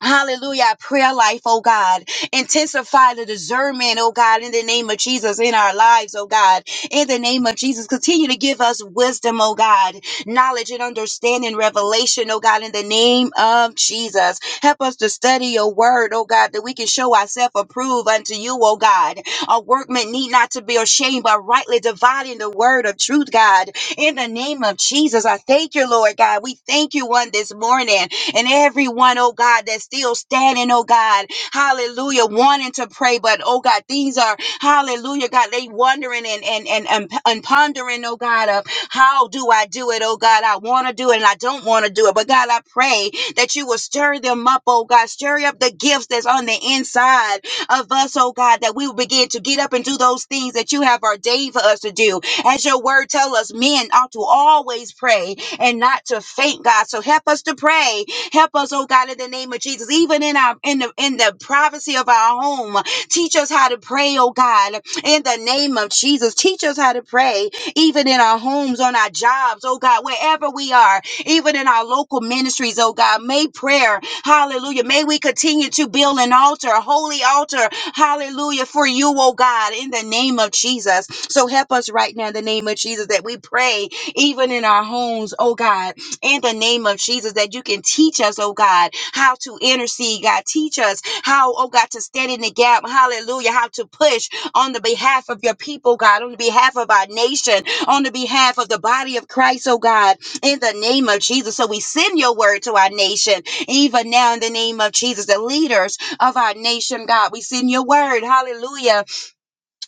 D: Hallelujah. Our Prayer life, oh God. Intensify the discernment, oh God, in the name of Jesus, in our lives, oh God. In the name of Jesus, continue to give us wisdom, oh God, knowledge and understanding, revelation, oh God, in the name of Jesus. Help us to study your word, oh God, that we can show ourselves approved unto you, oh God. A workman need not to be ashamed, but rightly dividing the word of truth, God. In the name of Jesus, I thank you, Lord God. We thank you on this morning and everyone, oh God, that's still standing, oh God, hallelujah, wanting to pray, but oh God, these are, hallelujah, God, they wondering and, and, and, and, and pondering, oh God, of how do I do it, oh God, I want to do it and I don't want to do it, but God, I pray that you will stir them up, oh God, stir up the gifts that's on the inside of us, oh God, that we will begin to get up and do those things that you have ordained for us to do. As your word tell us, men ought to always pray and not to faint, God. So help us to pray Help us, oh God, in the name of Jesus, even in our in the in the privacy of our home. Teach us how to pray, oh God, in the name of Jesus. Teach us how to pray, even in our homes, on our jobs, oh God, wherever we are, even in our local ministries, oh God. May prayer, hallelujah. May we continue to build an altar, a holy altar, hallelujah, for you, oh God, in the name of Jesus. So help us right now in the name of Jesus that we pray even in our homes, oh God in the name of Jesus that you can teach us, oh God, how to intercede, God. Teach us how, oh God, to stand in the gap. Hallelujah. How to push on the behalf of your people, God, on the behalf of our nation, on the behalf of the body of Christ, oh God, in the name of Jesus. So we send your word to our nation, even now in the name of Jesus, the leaders of our nation, God. We send your word. Hallelujah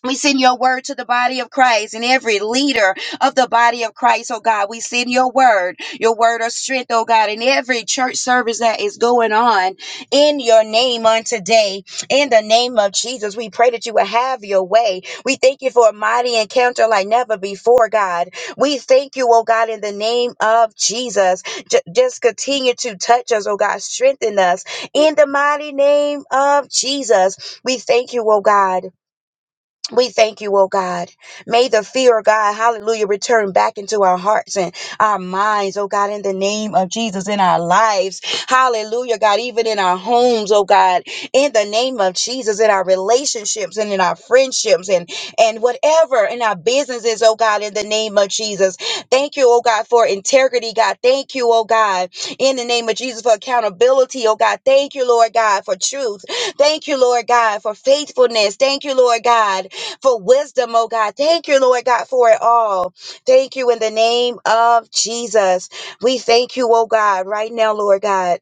D: we send your word to the body of Christ and every leader of the body of Christ, oh God. We send your word, your word of strength, oh God, in every church service that is going on in your name on today. In the name of Jesus, we pray that you will have your way. We thank you for a mighty encounter like never before, God. We thank you, oh God, in the name of Jesus. J- just continue to touch us, oh God. Strengthen us in the mighty name of Jesus. We thank you, oh God. We thank you, oh God. May the fear of God, hallelujah, return back into our hearts and our minds, oh God, in the name of Jesus, in our lives. Hallelujah, God, even in our homes, oh God, in the name of Jesus, in our relationships and in our friendships and, and whatever in our businesses, oh God, in the name of Jesus. Thank you, oh God, for integrity, God. Thank you, oh God, in the name of Jesus, for accountability, oh God. Thank you, Lord God, for truth. Thank you, Lord God, for faithfulness. Thank you, Lord God, for wisdom, oh God. Thank you, Lord God, for it all. Thank you in the name of Jesus. We thank you, oh God, right now, Lord God.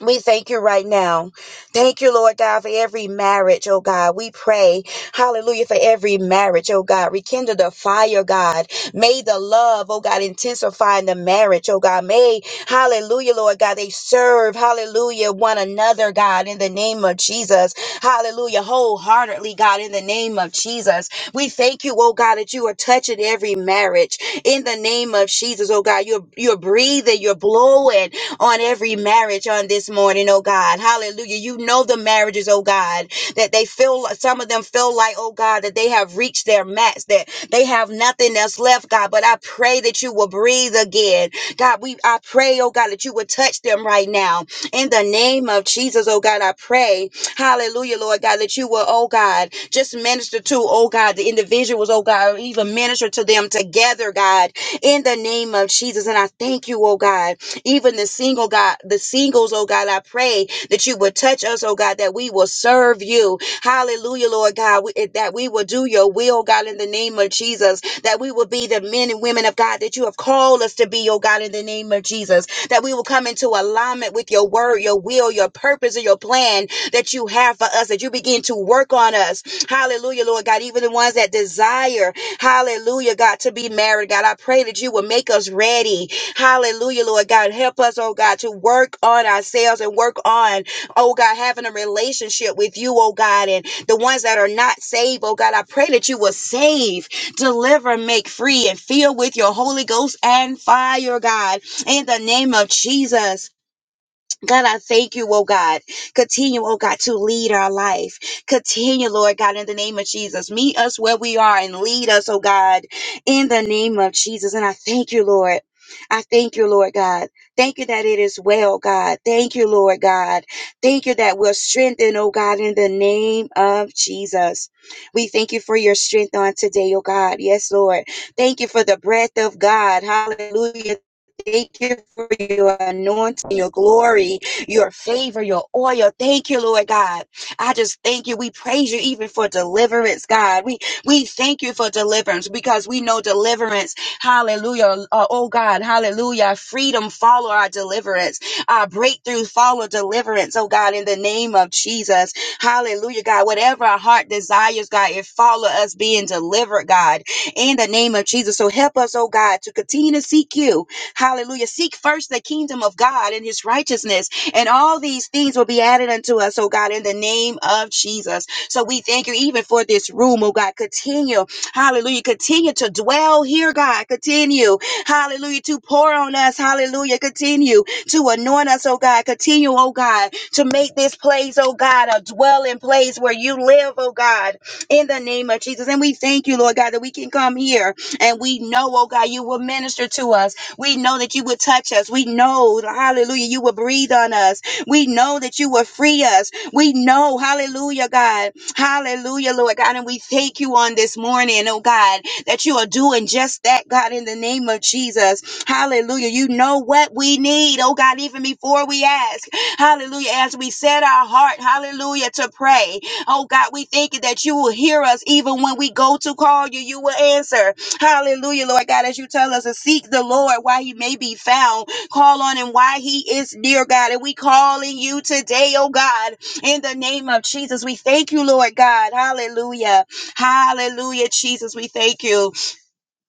D: We thank you right now. Thank you, Lord God, for every marriage, oh God. We pray, hallelujah, for every marriage, oh God. Rekindle the fire, God. May the love, oh God, intensify in the marriage, oh God. May, hallelujah, Lord God, they serve, hallelujah, one another, God, in the name of Jesus. Hallelujah, wholeheartedly, God, in the name of Jesus. We thank you, oh God, that you are touching every marriage in the name of Jesus, oh God. You're, you're breathing, you're blowing, on every marriage on this morning, oh God. Hallelujah. You know the marriages, oh God, that they feel, some of them feel like, oh God, that they have reached their max, that they have nothing else left, God. But I pray that you will breathe again. God, we, I pray, oh God, that you would touch them right now. In the name of Jesus, oh God, I pray, hallelujah, Lord God, that you will, oh God, just minister to, oh God, the individuals, oh God, or even minister to them together, God, in the name of Jesus. And I thank you, oh God. Even the single God, the singles, oh God, I pray that you would touch us, oh God, that we will serve you. Hallelujah, Lord God, we- eh, that we will do your will, God, in the name of Jesus, that we will be the men and women of God that you have called us to be, oh God, in the name of Jesus, that we will come into alignment with your word, your will, your purpose, and your plan that you have for us, that you begin to work on us. Hallelujah, Lord God, even the ones that desire, hallelujah, God, to be married, God, I pray that you will make us ready. Hallelujah, Lord God. Help us, oh God, to work on ourselves and work on, oh God, having a relationship with you, oh God. And the ones that are not saved, oh God, I pray that you will save, deliver, make free, and fill with your Holy Ghost and fire, God, in the name of Jesus. God, I thank you, oh God. Continue, oh God, to lead our life. Continue, Lord God, in the name of Jesus. Meet us where we are and lead us, oh God, in the name of Jesus. And I thank you, Lord. I thank you, Lord God. Thank you that it is well, God. Thank you, Lord God. Thank you that we're strengthened, oh God, in the name of Jesus. We thank you for your strength on today, oh God. Yes, Lord. Thank you for the breath of God. Hallelujah Thank you for your anointing, your glory, your favor, your oil. Thank you, Lord God. I just thank you. We praise you even for deliverance, God. We we thank you for deliverance because we know deliverance. Hallelujah. Uh, oh God, hallelujah. Freedom follow our deliverance. Our breakthrough follow deliverance. Oh God, in the name of Jesus. Hallelujah, God. Whatever our heart desires, God, it follow us being delivered, God. In the name of Jesus. So help us, oh God, to continue to seek you Hallelujah. Seek first the kingdom of God and his righteousness, and all these things will be added unto us, oh God, in the name of Jesus. So we thank you even for this room, oh God. Continue, hallelujah. Continue to dwell here, God. Continue, hallelujah, to pour on us, hallelujah. Continue to anoint us, oh God. Continue, oh God, to make this place, oh God, a dwelling place where you live, oh God, in the name of Jesus. And we thank you, Lord God, that we can come here and we know, oh God, you will minister to us. We know that you would touch us. We know, hallelujah, you will breathe on us. We know that you will free us. We know, hallelujah, God. Hallelujah, Lord God. And we thank you on this morning, oh God, that you are doing just that, God, in the name of Jesus. Hallelujah. You know what we need, oh God, even before we ask. Hallelujah. As we set our heart, hallelujah, to pray. Oh God, we thank you that you will hear us even when we go to call you, you will answer. Hallelujah, Lord God, as you tell us to seek the Lord while he may be found, call on him while he is near, God. And we calling you today, oh God, in the name of Jesus. We thank you, Lord God. Hallelujah. Hallelujah, Jesus. We thank you.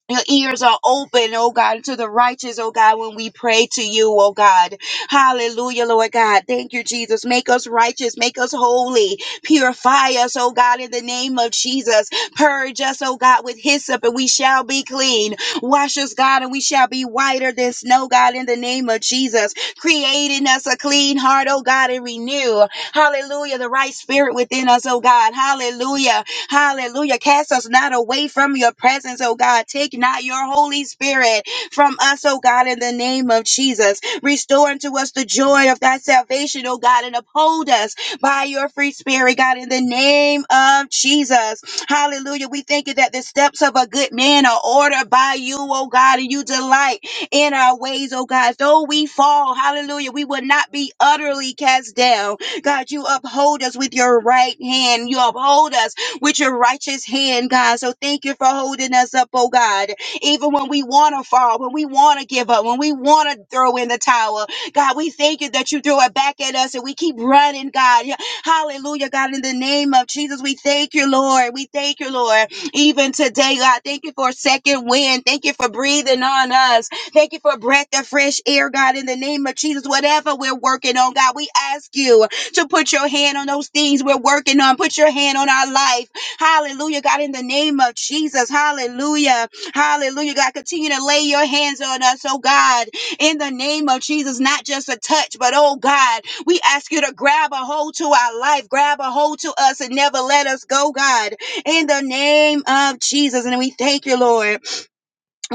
D: Your ears are open, oh God, to the righteous, oh God, when we pray to you, oh God. Hallelujah, Lord God. Thank you, Jesus. Make us righteous, make us holy, purify us, oh God, in the name of Jesus. Purge us, oh God, with hyssop, and we shall be clean. Wash us, God, and we shall be whiter than snow, God, in the name of Jesus. Create in us a clean heart, oh God, and renew. Hallelujah, the right spirit within us, oh God. Hallelujah. Hallelujah. Cast us not away from your presence, oh God. Take not your Holy Spirit from us, oh God, in the name of Jesus. Restore unto us the joy of thy salvation, oh God, and uphold us by your free spirit, God, in the name of Jesus. Hallelujah. We thank you that the steps of a good man are ordered by you, oh God, and you delight in our ways, oh God. Though we fall, hallelujah, we will not be utterly cast down. God, you uphold us with your right hand. You uphold us with your righteous hand, God. So thank you for holding us up, oh God. Even when we want to fall, when we want to give up, when we want to throw in the towel, God, we thank you that you throw it back at us and we keep running, God. Yeah. Hallelujah, God. In the name of Jesus, we thank you, Lord. We thank you, Lord. Even today, God, thank you for a second wind. Thank you for breathing on us. Thank you for a breath of fresh air, God. In the name of Jesus, whatever we're working on, God, we ask you to put your hand on those things we're working on. Put your hand on our life. Hallelujah, God, in the name of Jesus. Hallelujah. Hallelujah, God. Continue to lay your hands on us, oh God, in the name of Jesus. Not just a touch, but oh God, we ask you to grab a hold to our life, grab a hold to us, and never let us go, God, in the name of Jesus. And we thank you, Lord.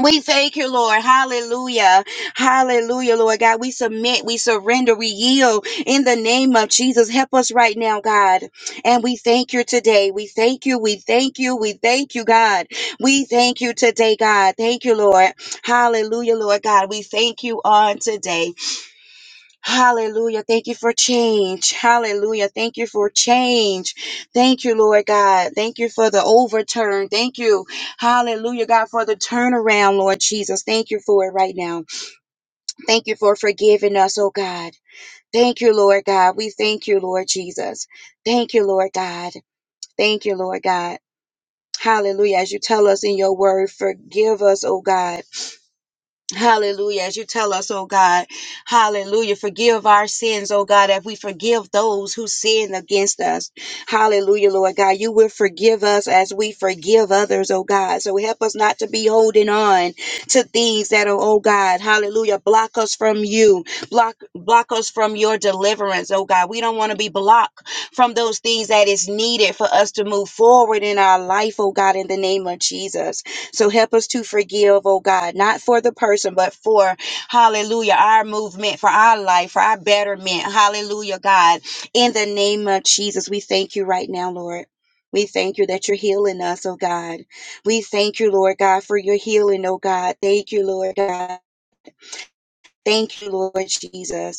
D: We thank you, Lord. Hallelujah. Hallelujah, Lord God. We submit, we surrender, we yield in the name of Jesus. Help us right now, God. And we thank you today. We thank you. We thank you. We thank you, God. We thank you today, God. Thank you, Lord. Hallelujah, Lord God. We thank you on today. Hallelujah. Thank you for change. Hallelujah. Thank you for change. Thank you, Lord God. Thank you for the overturn. Thank you. Hallelujah, God, for the turnaround, Lord Jesus. Thank you for it right now. Thank you for forgiving us, oh God. Thank you, Lord God. We thank you, Lord Jesus. Thank you, Lord God. Thank you, Lord God. Hallelujah. As you tell us in your word, forgive us, oh God. Hallelujah. As you tell us, oh God, hallelujah. Forgive our sins, oh God, if we forgive those who sin against us. Hallelujah, Lord God. You will forgive us as we forgive others, oh God. So help us not to be holding on to things that are, oh God, hallelujah, block us from you, block, block us from your deliverance, oh God. We don't want to be blocked from those things that is needed for us to move forward in our life, oh God, in the name of Jesus. So help us to forgive, oh God, not for the person, but for, hallelujah, our movement, for our life, for our betterment. Hallelujah, God. In the name of Jesus, we thank you right now, Lord. We thank you that you're healing us, oh God. We thank you, Lord God, for your healing, oh God. Thank you, Lord God. Thank you, Lord Jesus.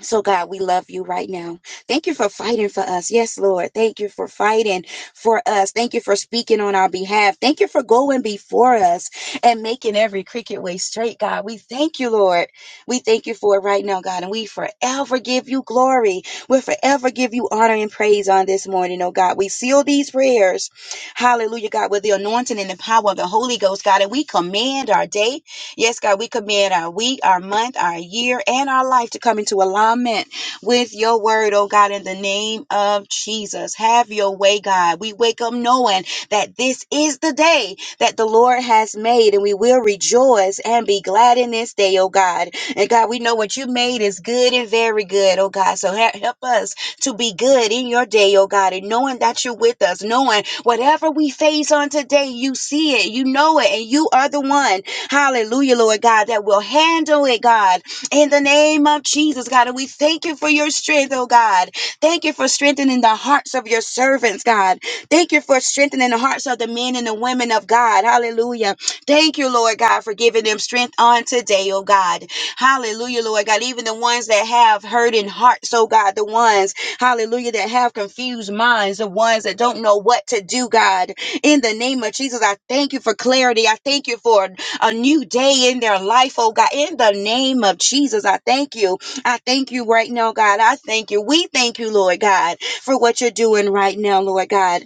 D: So, God, we love you right now. Thank you for fighting for us. Yes, Lord. Thank you for fighting for us. Thank you for speaking on our behalf. Thank you for going before us and making every cricket way straight, God. We thank you, Lord. We thank you for it right now, God. And we forever give you glory. We'll forever give you honor and praise on this morning, oh God. We seal these prayers. Hallelujah, God, with the anointing and the power of the Holy Ghost, God. And we command our day. Yes, God, we command our week, our month, our year, and our life to come into alignment with your word, oh God, in the name of Jesus. Have your way, God. We wake up knowing that this is the day that the Lord has made, and we will rejoice and be glad in this day, oh God. And God, we know what you made is good and very good, oh God. So he- help us to be good in your day, oh God, and knowing that you're with us, knowing whatever we face on today, you see it, you know it, and you are the one Hallelujah, Lord God, that will handle it, God, in the name of Jesus, God. And we thank you for your strength, oh God. Thank you for strengthening the hearts of your servants, God. Thank you for strengthening the hearts of the men and the women of God. Hallelujah. Thank you, Lord God, for giving them strength on today, oh God. Hallelujah, Lord God. Even the ones that have hurting hearts, oh God, the ones, hallelujah, that have confused minds, the ones that don't know what to do, God. In the name of Jesus, I thank you for clarity. I thank you for a new day in their life, oh God. In the name of Jesus, I thank you. I thank you right now, God. I thank you. We thank you, Lord God, for what you're doing right now, Lord God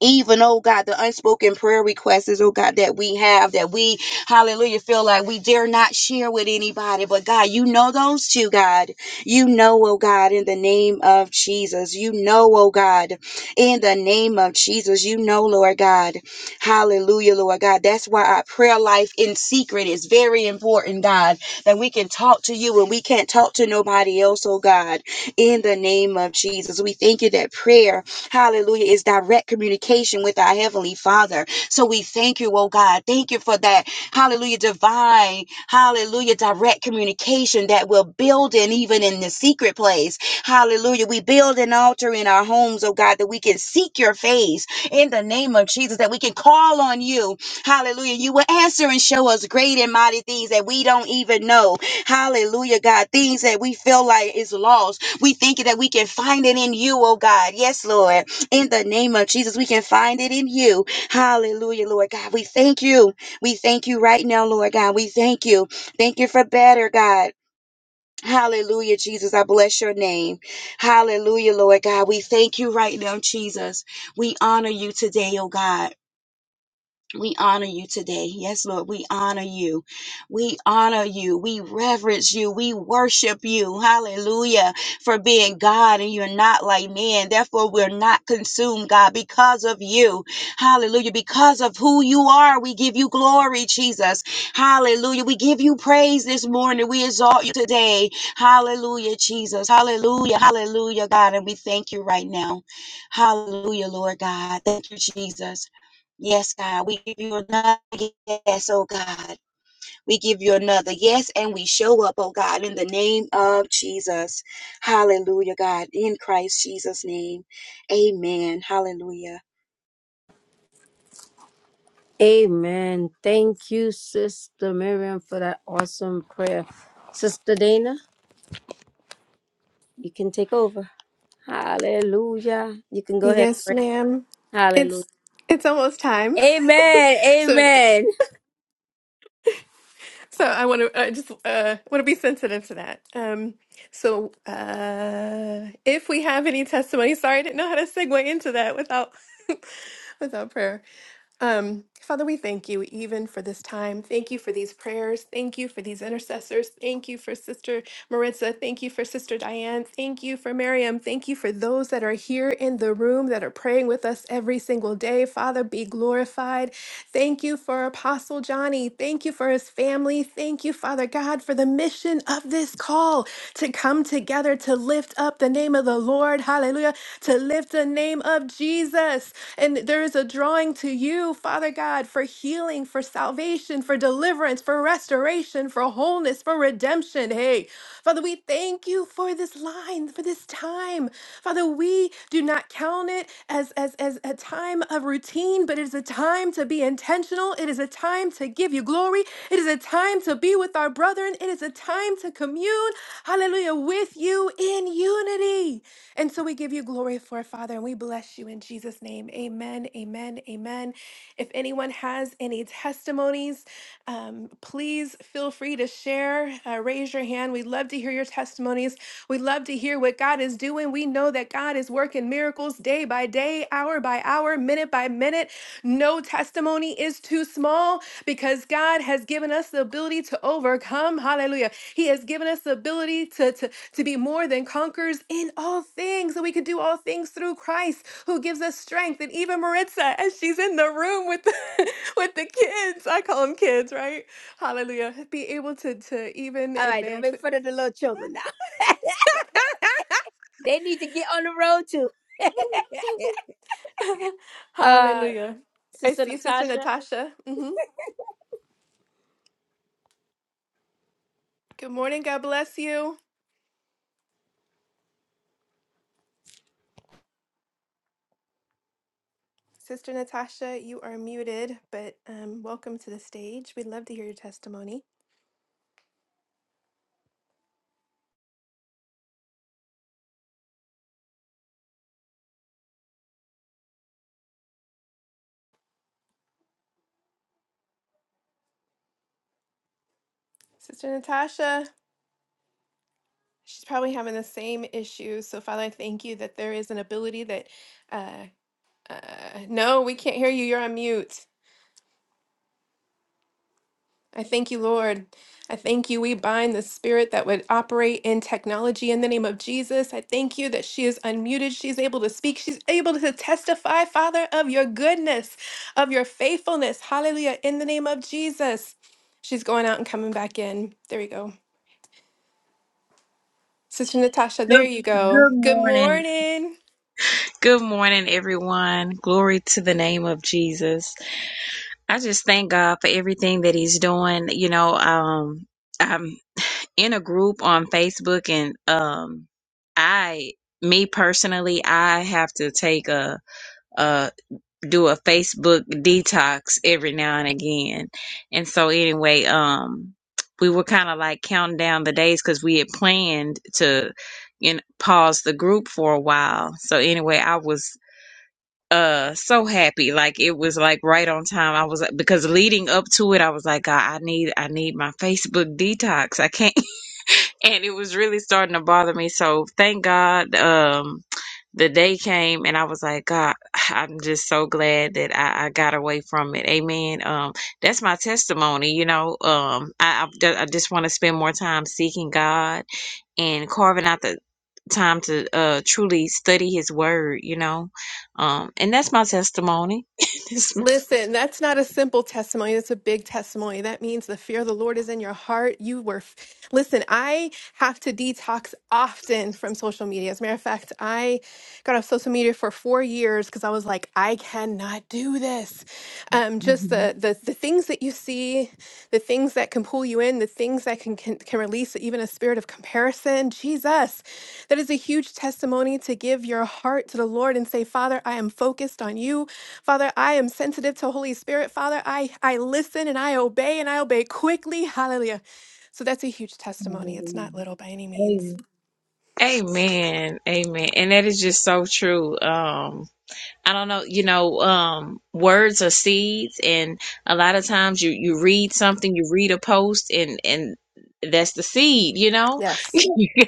D: even oh God, the unspoken prayer requests, is, oh God, that we have, that we, hallelujah, feel like we dare not share with anybody. But God, you know those two, God. You know, oh God, in the name of Jesus. You know, oh God, in the name of Jesus. You know, Lord God. Hallelujah, Lord God. That's why our prayer life in secret is very important, God, that we can talk to you and we can't talk to nobody else, oh God, in the name of Jesus. We thank you that prayer. Hallelujah. It's direct communication with our Heavenly Father. So we thank you, oh God. Thank you for that. Hallelujah. Divine, hallelujah, direct communication that we're building even in the secret place. Hallelujah. We build an altar in our homes, oh God, that we can seek your face in the name of Jesus, that we can call on you. Hallelujah. You will answer and show us great and mighty things that we don't even know. Hallelujah, God. Things that we feel like is lost we thank you that we can find it in you, oh God. Yes, Lord. In the name of Jesus, we can find it in you. Hallelujah, Lord God. We thank you. We thank you right now, Lord God. We thank you. Thank you for better, God. Hallelujah, Jesus. I bless your name. Hallelujah, Lord God. We thank you right now, Jesus. We honor you today, oh God. We honor you today. Yes, Lord, we honor you. We honor you. We reverence you. We worship you. Hallelujah. For being God and you're not like man. Therefore, we're not consumed, God, because of you. Hallelujah. Because of who you are, we give you glory, Jesus. Hallelujah. We give you praise this morning. We exalt you today. Hallelujah, Jesus. Hallelujah. Hallelujah, God. And we thank you right now. Hallelujah, Lord God. Thank you, Jesus. Yes, God, we give you another yes, oh God. We give you another yes, and we show up, oh God, in the name of Jesus. Hallelujah, God, in Christ Jesus' name. Amen. Hallelujah.
A: Amen. Thank you, Sister Miriam, for that awesome prayer. Sister Dana, you can take over. Hallelujah. You can go ahead and
B: Yes,
A: pray.
B: ma'am.
A: Hallelujah.
B: It's it's almost time.
A: Amen.
B: So
A: Amen.
B: so I want to I just uh want to be sensitive to that. Um so uh if we have any testimony, sorry I didn't know how to segue into that without without prayer. Um, Father, we thank you even for this time. Thank you for these prayers. Thank you for these intercessors. Thank you for Sister Maritza. Thank you for Sister Diane. Thank you for Miriam. Thank you for those that are here in the room that are praying with us every single day. Father, be glorified. Thank you for Apostle Johnny. Thank you for his family. Thank you, Father God, for the mission of this call to come together to lift up the name of the Lord. Hallelujah. To lift the name name of Jesus. And there is a drawing to you, Father God, for healing, for salvation, for deliverance, for restoration, for wholeness, for redemption. Hey, Father, we thank you for this line, for this time. Father, we do not count it as, as, as a time of routine, but it is a time to be intentional. It is a time to give you glory. It is a time to be with our brethren. It is a time to commune, hallelujah, with you in you in unity. And so we give you glory for it, Father, and we bless you in Jesus' name. Amen, amen, amen. If anyone has any testimonies, um, please feel free to share, uh, raise your hand. We'd love to hear your testimonies. We'd love to hear what God is doing. We know that God is working miracles day by day, hour by hour, minute by minute. No testimony is too small because God has given us the ability to overcome. Hallelujah. He has given us the ability to be more than conquerors in all things, that we could do all things through Christ who gives us strength. And even Maritza, as she's in the room with the, with the kids, I call them kids, right? Hallelujah. Be able to, to even
A: All right, don't
B: advance.
A: make
B: it.
A: fun of the little children now. They need to get on the road too. Uh,
B: Hallelujah. I
A: Sister
B: see Sister
A: Natasha.
B: Natasha. hmm Good morning. God bless you. Sister Natasha, you are muted, but um, welcome to the stage. We'd love to hear your testimony. Sister Natasha. She's probably having the same issue. So, Father, I thank you that there is an ability that, uh, uh, no, we can't hear you. You're on mute. I thank you, Lord. I thank you. We bind the spirit that would operate in technology in the name of Jesus. I thank you that she is unmuted. She's able to speak. She's able to testify, Father, of your goodness, of your faithfulness. Hallelujah. In the name of Jesus. She's going out and coming back in. There we go. Sister Natasha, there
E: Good,
B: you go.
E: good
B: Good
E: morning.
B: morning.
E: Good morning, everyone. Glory to the name of Jesus. I just thank God for everything that He's doing. You know, um, I'm in a group on Facebook, and um, I, me personally, I have to take a, do a Facebook detox every now and again. And so anyway, um we were kind of like counting down the days cuz we had planned to you know, pause the group for a while. So anyway, I was uh so happy like it was like right on time i was like, because leading up to it i was like god i need i need my facebook detox i can't and it was really starting to bother me. So thank God, um, the day came and I was like, God, I'm just so glad that I, I got away from it. Amen. Um, that's my testimony. You know, um, I, I've ju- I just want to spend more time seeking God and carving out the time to uh truly study His Word. You know, um, and that's my testimony. That's my-
B: Listen, that's not a simple testimony. That's a big testimony. That means the fear of the Lord is in your heart. You were, f- listen, I have to detox often from social media. As a matter of fact, I got off social media for four years because I was like, I cannot do this. Um, just
E: Mhm.
B: the, the the things that you see the things that can pull you in, the things that can, can, can release even a spirit of comparison. Jesus, that is a huge testimony to give your heart to the Lord and say, Father, I am focused on you. Father, I am sensitive to Holy Spirit. Father, I, I listen and I obey and I obey quickly. Hallelujah. So that's a huge testimony. It's
E: Hallelujah.
B: not little by any means.
E: Amen. Amen. Amen. And that is just so true. Um I don't know, you know, um, words are seeds, and a lot of times you you read something, you read a post, and and that's the seed, you know.
B: Yes.
E: yeah.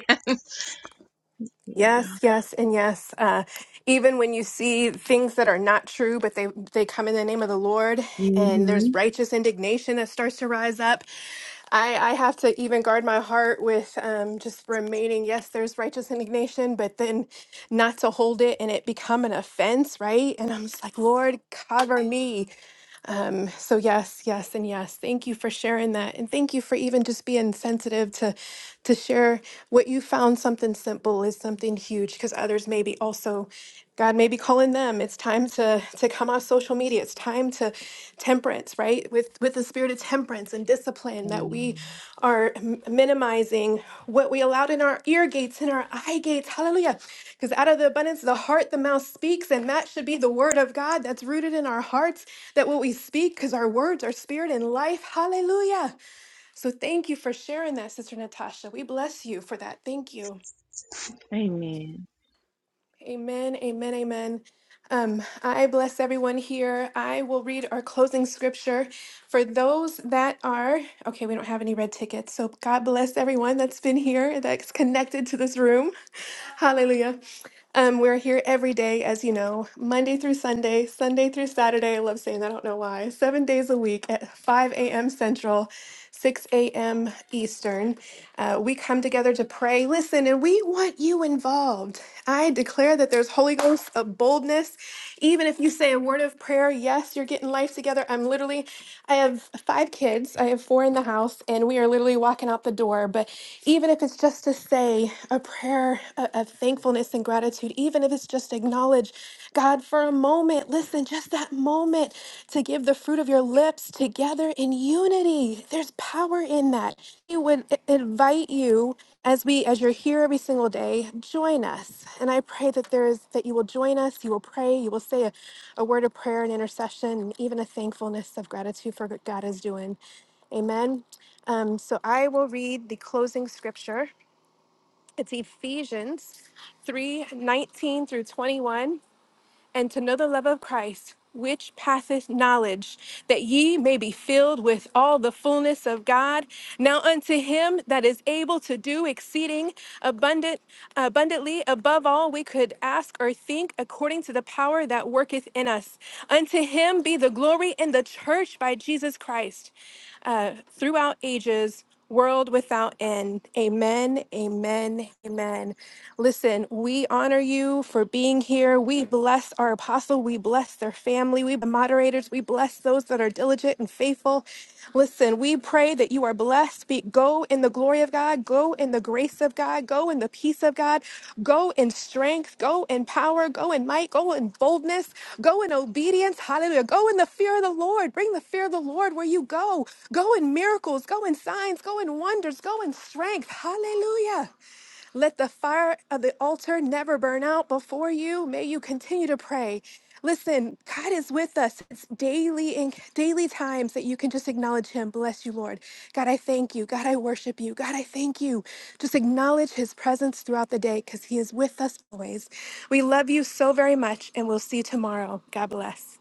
E: Yeah.
B: Yes, yes, and yes. Uh, even when you see things that are not true, but they they come in the name of the Lord, and there's
E: hmm
B: righteous indignation that starts to rise up. I I have to even guard my heart with um, just remaining. Yes, there's righteous indignation, but then not to hold it and it become an offense, right? And I'm just like, Lord, cover me. Um, so, yes, yes, and yes. Thank you for sharing that. And thank you for even just being sensitive to, to share what you found something simple is something huge because others may be also. God may be calling them. It's time to to come off social media. It's time to temperance, right? With with the spirit of temperance and discipline that we are m- minimizing what we allowed in our ear gates and our eye gates. Hallelujah. Because out of the abundance of the heart the mouth speaks and that should be the word of God that's rooted in our hearts that what we speak, because our words are spirit and life. Hallelujah. So thank you for sharing that, Sister Natasha. We bless you for that. Thank you.
E: Amen.
B: Amen, amen, amen. Um, I bless everyone here. I will read our closing scripture for those that are, okay, we don't have any red tickets. So God bless everyone that's been here, that's connected to this room. Hallelujah. Um, we're here every day, as you know, Monday through Sunday, Sunday through Saturday. I love saying that, I don't know why. Seven days a week at 5 a.m. Central. 6 a.m. Eastern. Uh, we come together to pray. Listen, and we want you involved. I declare that there's Holy Ghost of boldness. Even if you say a word of prayer, yes, you're getting life together. I'm literally, I have five kids, I have four in the house, and we are literally walking out the door. But even if it's just to say a prayer of of thankfulness and gratitude, even if it's just acknowledge God for a moment, listen, just that moment to give the fruit of your lips together in unity. There's power in that. We would i- invite you as we as you're here every single day, join us. And I pray that there is that you will join us, you will pray, you will say a, a word of prayer and intercession, and even a thankfulness of gratitude for what God is doing. Amen. Um, so I will read the closing scripture. It's Ephesians 3 19 through 21 and to know the love of Christ, which passeth knowledge, that ye may be filled with all the fullness of God. Now unto him that is able to do exceeding abundant abundantly above all we could ask or think according to the power that worketh in us. Unto him be the glory in the church by Jesus Christ uh, throughout ages, world without end. Amen, amen, amen. Listen, we honor you for being here. We bless our apostle. We bless their family. We the moderators. We bless those that are diligent and faithful. Listen, we pray that you are blessed. Be, go Go in the glory of God. Go in the grace of God. Go in the peace of God. Go in strength. Go in power. Go in might. Go in boldness. Go in obedience. Hallelujah. Go in the fear of the Lord. Bring the fear of the Lord where you go. Go in miracles. Go in signs. Go in wonders. Go in strength. Hallelujah. Let the fire of the altar never burn out before you. May you continue to pray. Listen, God is with us. It's daily and daily times that you can just acknowledge Him. Bless you, Lord. God, I thank you. God, I worship you. God, I thank you. Just acknowledge His presence throughout the day because He is with us always. We love you so very much, and we'll see you tomorrow. God bless.